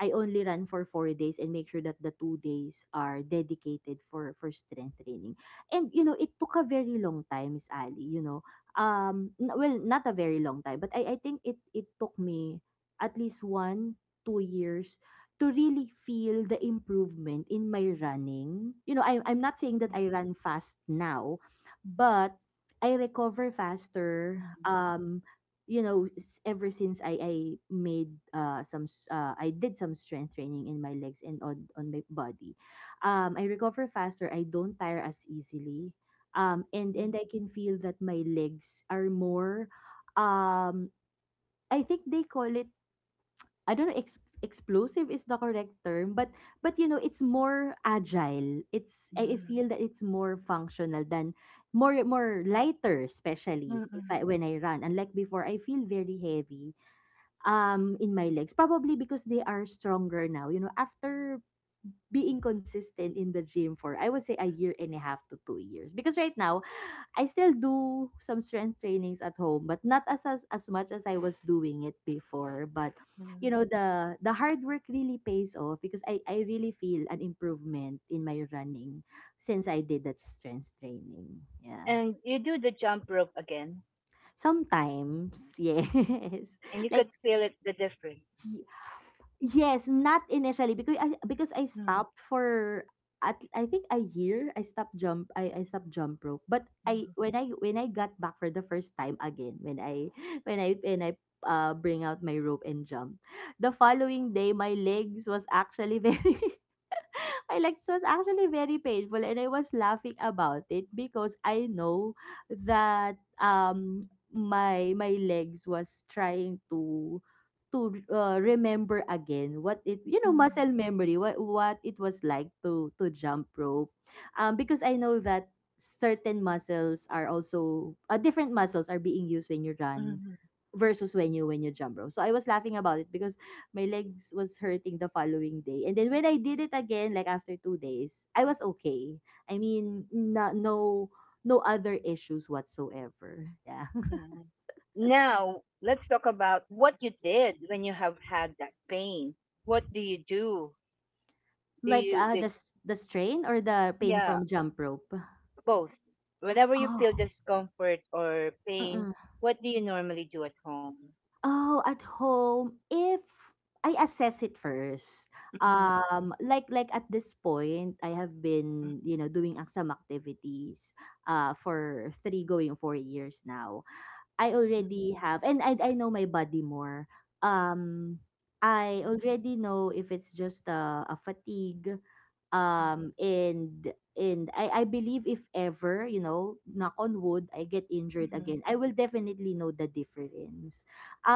I only run for 4 days and make sure that the 2 days are dedicated for strength training. And you know, it took a very long time, Miss Ali. You know, well, not a very long time, but I think it took me at least 1-2 years to really feel the improvement in my running. You know, I'm not saying that I run fast now, but I recover faster. You know, ever since I made some I did some strength training in my legs and on my body, I recover faster. I don't tire as easily. And I can feel that my legs are more, um, I think they call it, I don't know, ex explosive is the correct term, but you know, it's more agile. It's I feel that it's more functional than more lighter, especially if I when I run. Unlike before, I feel very heavy in my legs. Probably because they are stronger now. You know, after being consistent in the gym for I would say a year and a half to 2 years. Because right now, I still do some strength trainings at home, but not as much as I was doing it before. But you know, the hard work really pays off because I really feel an improvement in my running since I did that strength training. Yeah.
And you do the jump rope again,
Sometimes, yes.
and you
Like
could feel it, the difference.
Yes, not initially because I
Mm,
stopped for at I think a year. I stopped jump rope. But I
mm,
when I when I got back for the first time again, when I when I bring out my rope and jump, the following day my legs was actually very my legs was actually very painful and I was laughing about it because I know that my legs was trying to remember again what it,
mm,
muscle memory, what it was like to jump rope. Because I know that certain muscles are also different muscles are being used when you run
mm,
versus when you jump rope. So I was laughing about it because my legs was hurting the following day. And then when I did it again, like after 2 days, I was okay. I mean, no other issues whatsoever. Yeah.
mm. Now, let's talk about what you did when you have had that pain. What do you do? Do
like
you,
uh the
did,
s- the strain or the pain
yeah,
from jump rope.
both. Whenever you feel discomfort or pain,
Oh.
what do you normally do at home?
Oh, at home, if I assess it first,
Mm,
like at this point, I have
mm,
been, doing some activities, for three going 4 years now. I
mm,
already have, and I know my body more. Um I
mm,
already know if it's just a fatigue, and I believe if ever, knock on wood, I get injured
mm,
again, I will definitely know the difference.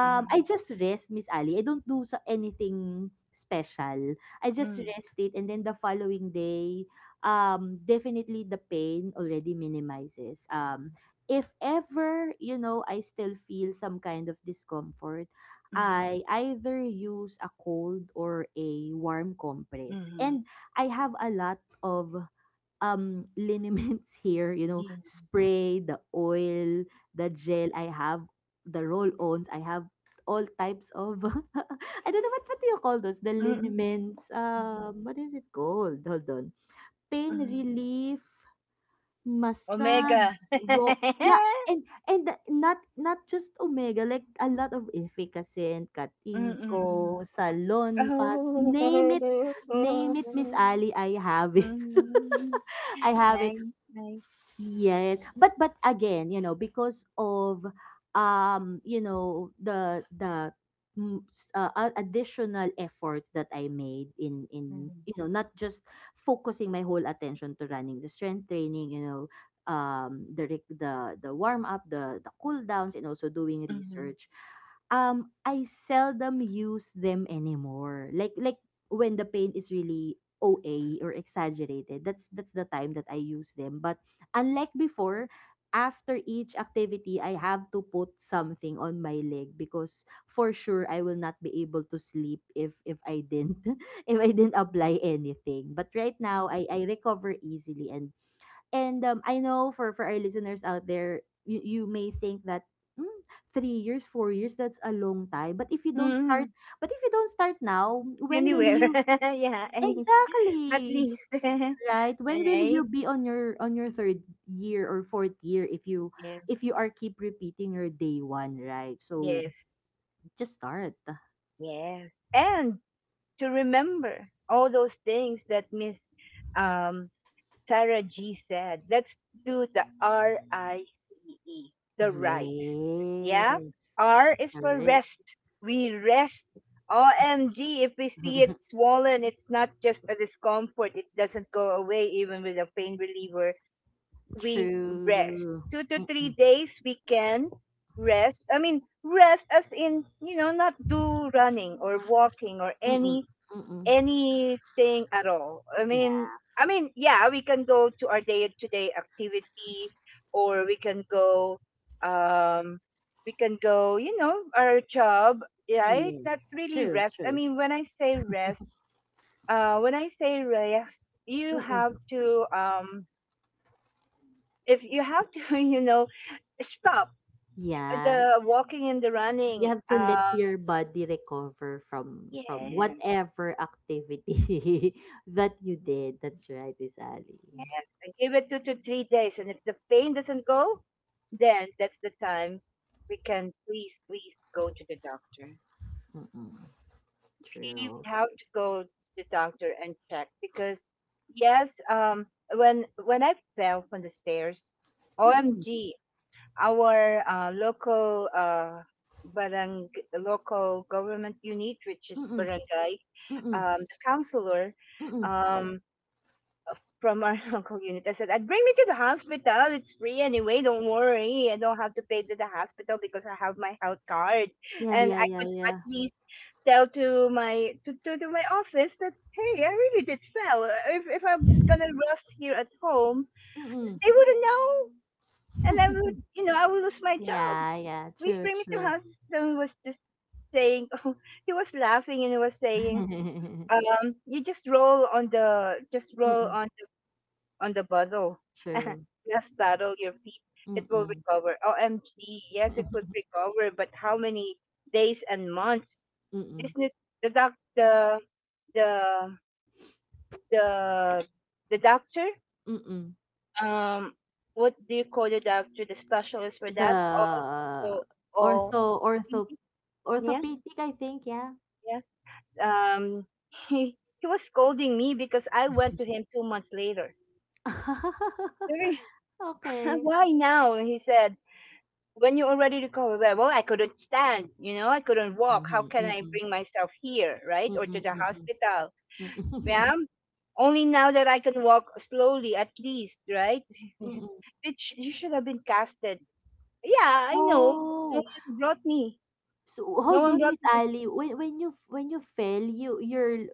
mm,
I
mm,
just rest, Miss Ali. I don't do so anything special. I just
mm.
rest it, and then the following day definitely the pain already minimizes. If ever, I still feel some kind of discomfort,
Mm,
I either use a cold or a warm compress.
mhm,
And I have a lot of liniments here, you know,
yun.
spray, the oil, the gel I have, the roll-ons, I have all types of I don't know what do you call those? The
Mm,
liniments.
mm,
What is it called? Hold on. Pain
mm.
relief. Massage,
Omega.
ro yeah, and the not just omega, like a lot of efficacent, katingko,
Mm.
salon pass,
Oh.
name it, Miss Ali, I have it.
Mm.
I have it.
Nice, nice.
Yes, but again, you know, because of the additional efforts that I made in
Mm,
not just focusing my whole attention to running the strength training, the warm up, the cool downs, and also doing
mhm,
research. I seldom use them anymore. Like when the pain is really OA or exaggerated. That's the time that I use them. But unlike before, after each activity, I have to put something on my leg because for sure I will not be able to sleep if I didn't if I didn't apply anything. But right now, I
mhm.
I recover easily and I know for our listeners out there, you may think that, "Hmm, 3 years, 4 years, that's a long time. But
Mm,
if you don't start now, when will
anywhere.
you?"
Yeah, any at
Exactly,
least.
right? When will
Right?
you be on your third year or fourth year if you
Yeah.
are keep repeating your day one, right? So
Yes.
just start.
Yes. And to remember all those things that Miss um Sarah G said, let's do the RICE, the rice. Yeah?
Yes.
R is for
Correct.
rest. We rest. OMG, if we see it swollen, it's not just a discomfort. It doesn't go away even with a pain reliever. We rest.
True.
Two to three
Mm-mm.
days we can rest. I mean, rest as in, you know, not do running or walking or
Mm-mm. Mm-mm.
anything at all. I mean,
Yeah.
yeah, we can go to our day-to-day activity, or um, we can go, our job, right? Not
Yes.
really
True.
rest. I
True.
mean, when I say rest, uh, when I say rest, you
Mm-mm.
have to, if you have to, stop
Yeah.
the walking and the
You
running.
have to let your body recover from
Yeah,
whatever activity that you did. That's right, Miss Ali.
yes, and give it 2 to 3 days. And if the pain doesn't go, then that's the time we can please, please go to the doctor.
Mm-mm.
Okay, we
True.
have to go to the doctor and check because yes, when I fell from the stairs,
Mm-mm,
OMG, our local barang local government unit, which is
mm-mm,
barangay,
mm-mm,
the counselor,
mm-mm.
um, from our local unit. I said, I'd bring me to the hospital. It's free anyway. Don't worry. I don't have to pay to the hospital because I have my health card.
Yeah,
And
yeah,
I
yeah,
could at
yeah.
least tell to my, to my office that hey, I really did well. If, I'm just gonna rest here at home,
Mm-mm.
they wouldn't know, and i would you know i would lose my job.
Yeah, yeah,
Please
true,
bring me to
true.
hospital. He was just saying, oh, he was laughing and he was saying, you just roll
Mm-mm,
on the bottle.
true.
Just paddle your feet. It will
Mm-mm.
recover. OMG. Yes, it would recover. But how many days and months?
Mm-mm,
Isn't it the doc the the the the doctor?
mm-mm.
Um what do you call the doctor, the specialist for
The
that? Also, oh
ortho, ortho,
yeah,
orthopedic, I think, yeah.
yeah. Um he was scolding me because I went to him 2 months later. "Really?
Okay.
Why now?" He said, when you already recover well, I couldn't stand, I couldn't walk. How
Mm-hmm,
can I
mm-mm,
bring myself here, right, or to
mm-mm,
the
mm-mm,
hospital? Yeah,
mm-mm,
only now that I can walk slowly, at least, right?
mm-mm.
You should have been casted. Yeah, I know. no
Oh,
one brought me
so
no
hold
one
on,
brought
Miss
me
Ali. When you fell,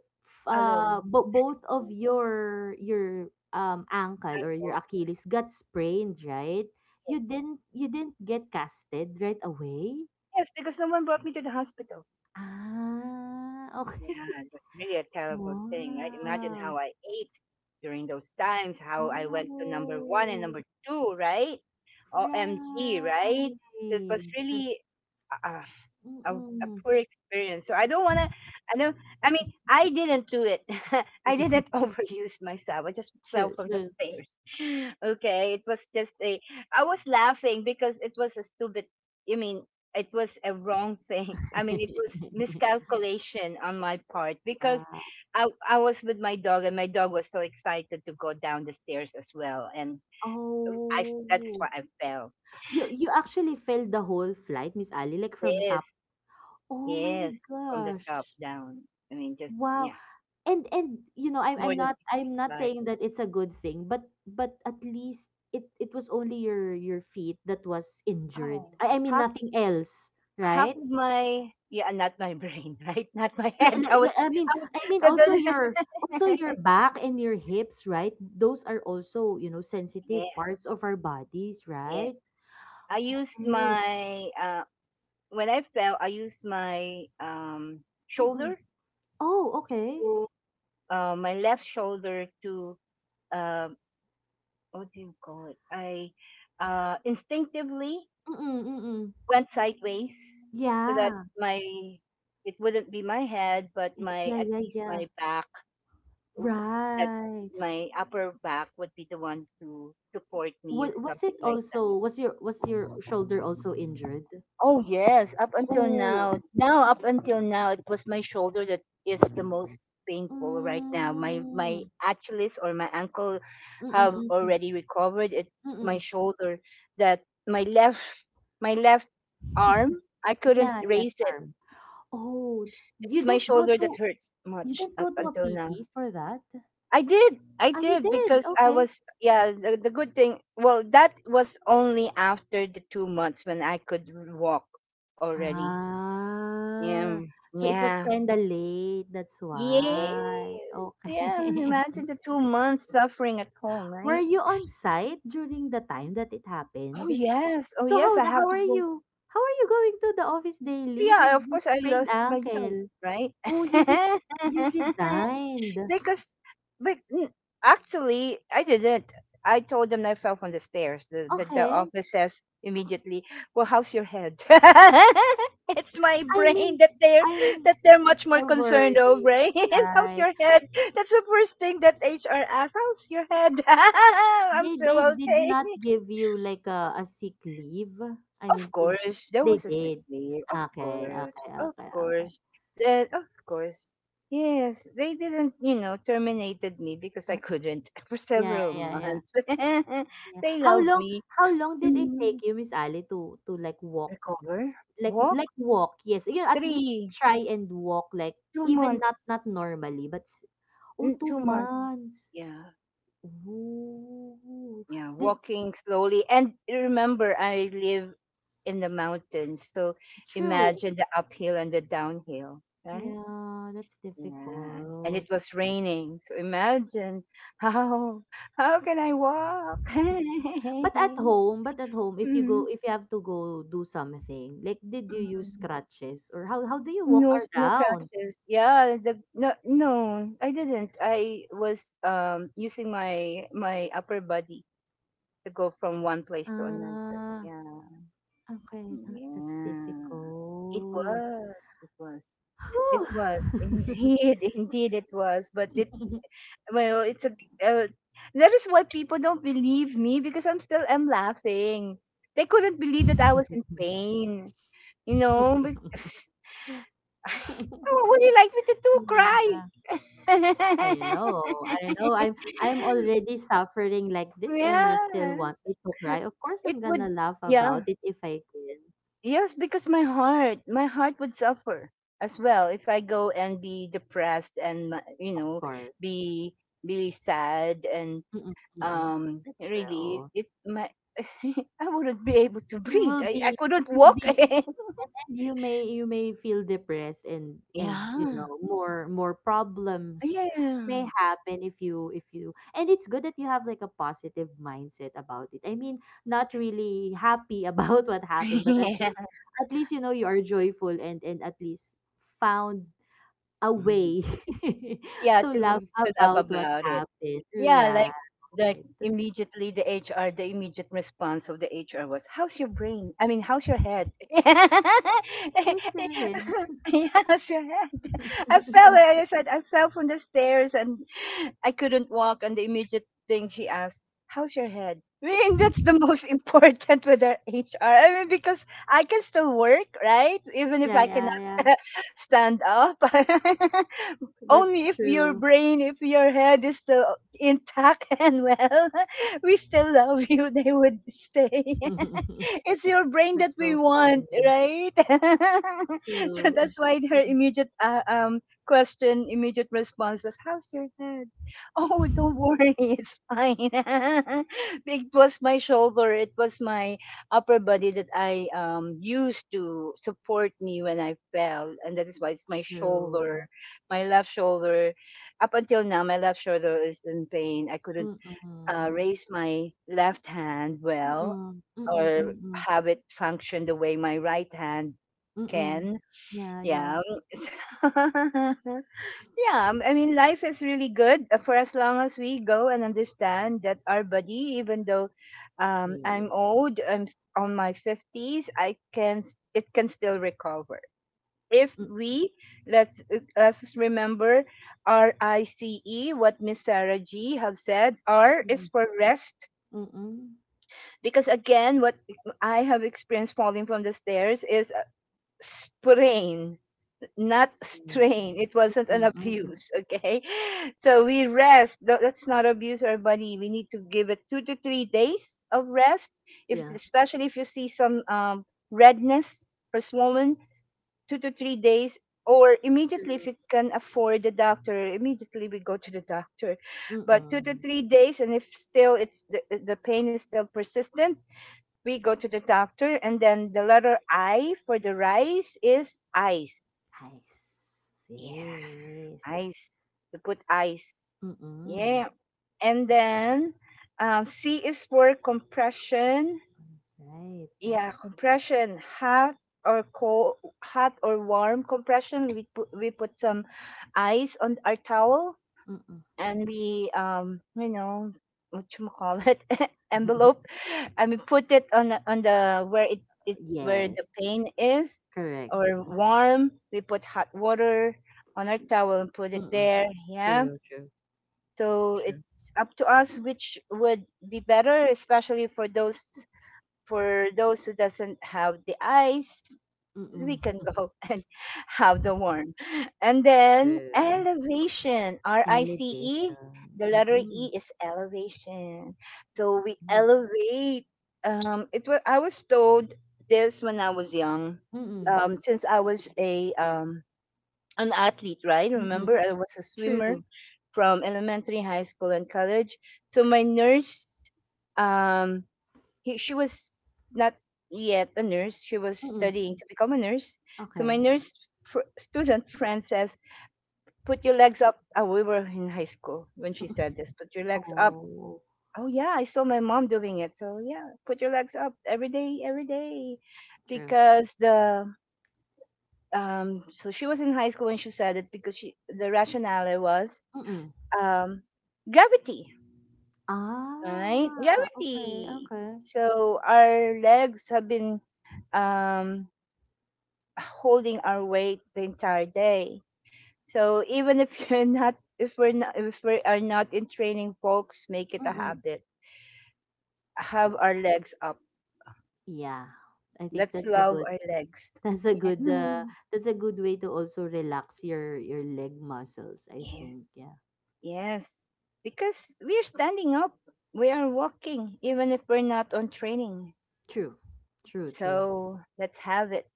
alone.
both of your ankle or
Alone.
your Achilles got sprained, right? You didn't get casted right away.
Yes, because someone brought me to the hospital.
Ah, okay.
Yeah, it was really a terrible thing, right? Imagine
Wow.
how I ate during those times, how I went to number one and
Oh,
number two, right? OMG, right? It was
right.
really, uh, a
Mm-mm.
poor experience. So I don't want to. I don't. I mean, I didn't do it. I didn't overuse myself. I just fell
True,
from the
true.
stairs. Okay, it was just a. I was laughing because it was a stupid. I mean, it was a wrong thing. I mean, it was miscalculation on my part because
yeah.
I was with my dog, and my dog was so excited to go down the stairs as well, and I that is
Oh,
why I fell.
you actually filled the whole flight, Miss Ali, like from top.
Yes,
Oh my
yes, from the top
gosh.
down. I mean, just
Wow.
yeah.
And you know,
More than 6
I'm
feet
not
high.
saying that it's a good thing, but at least it was only your feet that was injured.
Oh.
I mean,
Half
nothing else,
half
right?
of my, yeah, not my brain, right? Not my head.
I mean,
I was
also
the
your, back and your hips, right? Those are also, sensitive
Yes,
parts of our bodies,
yes.
right?
I used
Okay.
my when I fell, I used my
Mm-mm.
shoulder
Oh, okay.
to my left shoulder to uh what do you call it? I instinctively
Mm, mm.
went sideways so that
Yeah.
my it wouldn't be my head, but my
Yeah,
at
yeah,
least
yeah.
my back w- that
Right.
my upper back would be the one to support me or
What was it
something like that.
also was your shoulder also injured?
Oh yes, up until
Oh.
now. Up until now it was my shoulder that is the most painful right now. My
Mm.
Achilles or my ankle
Mm,
have
mm, mm.
already recovered. It's my
Mm.
shoulder that my left, my left arm I couldn't
Yeah, left
raise it.
arm. Oh, you
It's my
didn't go
shoulder that
to
hurts much up
a
until now.
PT for that?
I did. I
Ah, you
did
did.
because I
Okay.
was, yeah, the good thing, well, that was only after the 2 months when I could walk already.
Ah.
Yeah.
So it was
Yeah.
kind of late. That's
Yeah.
why.
Yeah,
Okay.
imagine the 2 months suffering at home,
Were
right?
you on site during the time that it
Oh
happened?
yes. Oh
So
yes,
how
I
the
have to go.
how are you going to the office daily with
Yeah, of
this
course I
sprained
lost my job,
ankle?
right?
Oh, you resigned.
Because but actually, I didn't I told them I fell from the stairs. The
Okay.
office says immediately, well, how's your head? It's my
I mean,
brain that they're
I mean,
that they're much more
they're
concerned
worried,
of, right? How's
right?
your head? That's the first thing that HR asks, how's your head? I'm
They
still
they did
okay.
not give you like a sick leave. I
Of
mean, to
course, there
they
was a sick
did.
leave.
Okay, okay,
Of
okay, okay.
course, then of course, yes. They didn't terminated me because I
Uh,
couldn't for
Yeah,
several
yeah, yeah,
months.
yeah.
They
How
loved
long
me.
how long did it take
Mm,
you, Miss Ali, to like walk.
Recover,
Like
walk
like walk, yes. You at least
three,
try and walk, like,
two
even not
months,
normally, but oh, two
2 months.
months.
Yeah,
Ooh.
yeah,
The,
walking slowly. And remember, I live in the mountains, so
True.
imagine the uphill and the downhill, right?
Yeah, that's
Yeah. And
difficult.
it was raining. So imagine how how can I walk?
But at home, if
Mhm.
if you have to go do something, like did you use
Mhm.
crutches or how do you walk
No, no
around?
crutches. Yeah, the no, no, I didn't. I was using my upper body to go from one place to another.
Ah,
Yeah.
okay, that's
Yeah. It
difficult.
was. It was. It
Whew.
was indeed, indeed it was. But well, it's a uh, that is why people don't believe me because I'm still am laughing. They couldn't believe that I was in pain. You know, but, oh, what do you like me to do?
Yeah,
Cry?
I know. I know. I'm already suffering like this and you still
Yeah,
want me to cry. Of course
it
I'm gonna
would.
laugh
Yeah,
about it if I can.
yes, because my heart would suffer as well if I go and be depressed and
Of course.
be be sad and
Mm-mm, mm-mm. That's
really
true.
it my. I wouldn't be able to
You
breathe.
will
I
be
couldn't
you'll
walk.
be you may You may feel depressed and
Yeah.
more problems
Yeah.
may happen if you and it's good that you have like a positive mindset about it. I mean, not really happy about what happened, but at
Yeah.
least you are joyful, and at least found a
Mhm.
way
Yeah,
to
to
laugh
to laugh
about what
about it.
happened,
Yeah,
right?
like immediately the HR, the immediate response of the HR was, "How's your brain? I mean, how's your head?"
Those are it.
Yeah, how's your head? I fell. Like I said, I fell from the stairs, and I couldn't walk. And the immediate thing she asked, "How's your head?" I mean, that's the most important with our HR. I mean, because I can still work, right? Even if
Yeah,
I
yeah,
cannot
yeah,
stand up.
that's
Only if your
true.
brain, if your head is still intact, and well, we still love you. They would stay. It's your
That's
brain that
so
we want,
funny.
right? So
True.
that's why
True.
her immediate question, immediate response was, "How's your head?" Oh, don't worry, it's fine. It was my shoulder, it was my upper body that I used to support me when I fell, and that is why it's my shoulder,
True.
my left shoulder. Up until now my left shoulder is in pain. I couldn't
Mm-mm.
raise my left hand well,
Mm-mm. Mm-mm.
or
Mm-mm.
have it function the way my right hand
Mm-mm.
can.
Yeah,
Yeah.
yeah.
Yeah. I mean life is really good, for as long as we go and understand that our body, even though I'm
Yes.
old, I'm on my 50s, it can still recover if we let's, us just remember RICE, what Miss Sarah G have said. R is
Mm-mm.
for rest
Mm-mm.
because again, what I have experienced falling from the stairs is a sprain, not
It's very-
strain. It wasn't an
Mm-mm.
abuse. Okay, so we rest. Let's not abuse our body. We need to give it 2 to 3 days of rest. If,
Yeah.
especially if you see some redness or swollen, 2 to 3 days. Or immediately,
True.
if you can afford the doctor, immediately we go to the doctor. But two to
Mm-mm.
three days and if still it's the pain is still persistent, we go to the doctor. And then the letter I for the rice is ice.
I
Yeah,
see.
ice. We put ice.
Mm-mm.
Yeah. And then, C is for compression.
Right.
Yeah, compression, hot or cold, hot or warm compression. We put some ice on our towel,
Mm-mm.
and we you know what you call it, envelope, and we put it on on the, where it where the
Yes.
pain is,
Correct.
or warm. We put hot water on our towel and put it
Mm-mm.
there. Yeah.
True, true,
So
true.
it's up to us which would be better, especially for those, who doesn't have the ice. We
Mm-mm.
can go and have the warm. And then
True.
elevation, RICE.
Elevation.
The letter
Mm-mm.
E is elevation, so we
Right.
elevate. It was, I was told this when I was young.
Mm-mm.
Since I was a, an athlete, right?
Mm-mm.
Remember, I was a swimmer
True.
from elementary, high school, and college. So my nurse, um he, she was not yet a nurse. She was
Mm-mm.
studying to become a nurse. So my
Okay.
nurse, student friend says, "Put your legs up." Oh, we were in high school when she
Mm-mm.
said this. Put your legs up.
Oh,
Oh yeah, I saw my mom doing it. So yeah, put your legs up every day,
true.
because the. So she was in high school when she said it, because she the rationale was
Mm-mm.
um gravity, right?
Ah, okay,
Gravity.
okay.
So our legs have been um holding our weight the entire day. So even if you're not, if we're not, if we are not in training, folks, make it a
Mm-mm.
habit. Have
Yeah.
our legs up.
Yeah. I think
Let's
that's a
love
good
our legs.
that's a good
Yeah.
uh, that's a good way to also relax your leg muscles, I
Yes,
think. Yeah.
yes. Because we're standing up, we are walking, even if we're not on training.
True. True, true.
So let's have it.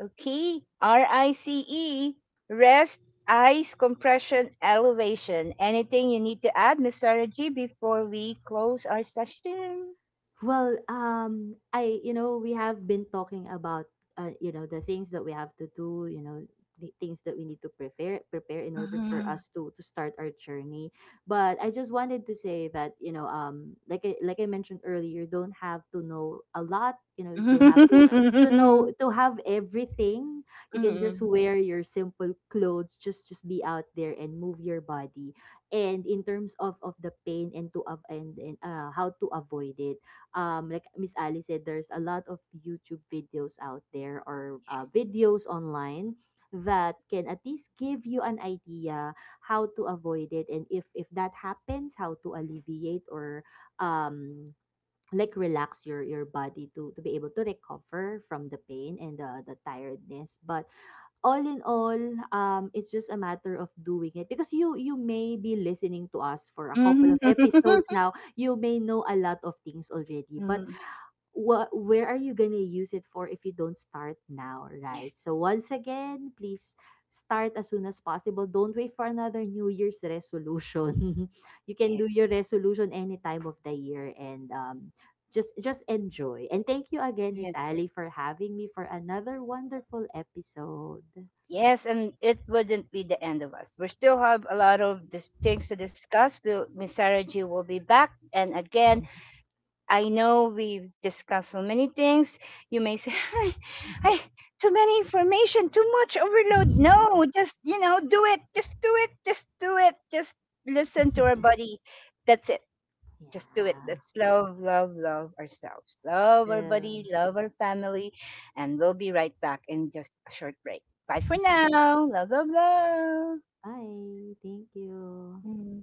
Okay, RICE, rest, ice, compression, elevation. Anything you need to add, Mr. Raji, before we close our session?
Well, I you know we have been talking about the things that we have to do, the things that we need to prepare in order for
Mhm.
us to start our journey. But I just wanted to say that like I mentioned earlier, you don't have to know a lot. You know you don't have to know,
Mhm.
to have everything. You can just
Mhm.
wear your simple clothes. Just be out there and move your body. And in terms of the pain, and how to avoid it, like Miss Ali said, there's a lot of YouTube videos out there or videos online that can at least give you an idea how to avoid it, and if that happens, how to alleviate or um like relax your body to be able to recover from the pain and the tiredness. But all in all, it's just a matter of doing it because you may be listening to us for a couple
Mhm.
of episodes now. You may know a lot of things already, but what where are you gonna use it for if you don't start now, right?
Yes,
So once again, please start as soon as possible. Don't wait for another New Year's resolution. You can do
yes,
your resolution any time of the year, and just enjoy. And thank you again, Miss
yes,
Ali, for having me for another wonderful episode.
yes, and it wouldn't be the end of us. We still have a lot of things to discuss. Miss Sarah G will be back, and again, I know we've discussed so many things. You may say, I, too many information, too much overload. No, just do it. Just do it. Just do it. Just listen to our body. That's it. Just do it.
Yeah.
Let's love, love, love ourselves. Love our body,
Chill.
love our family. And we'll be right back in just a short break. Bye for now. Love, love, love.
Bye. Thank you.
Mm.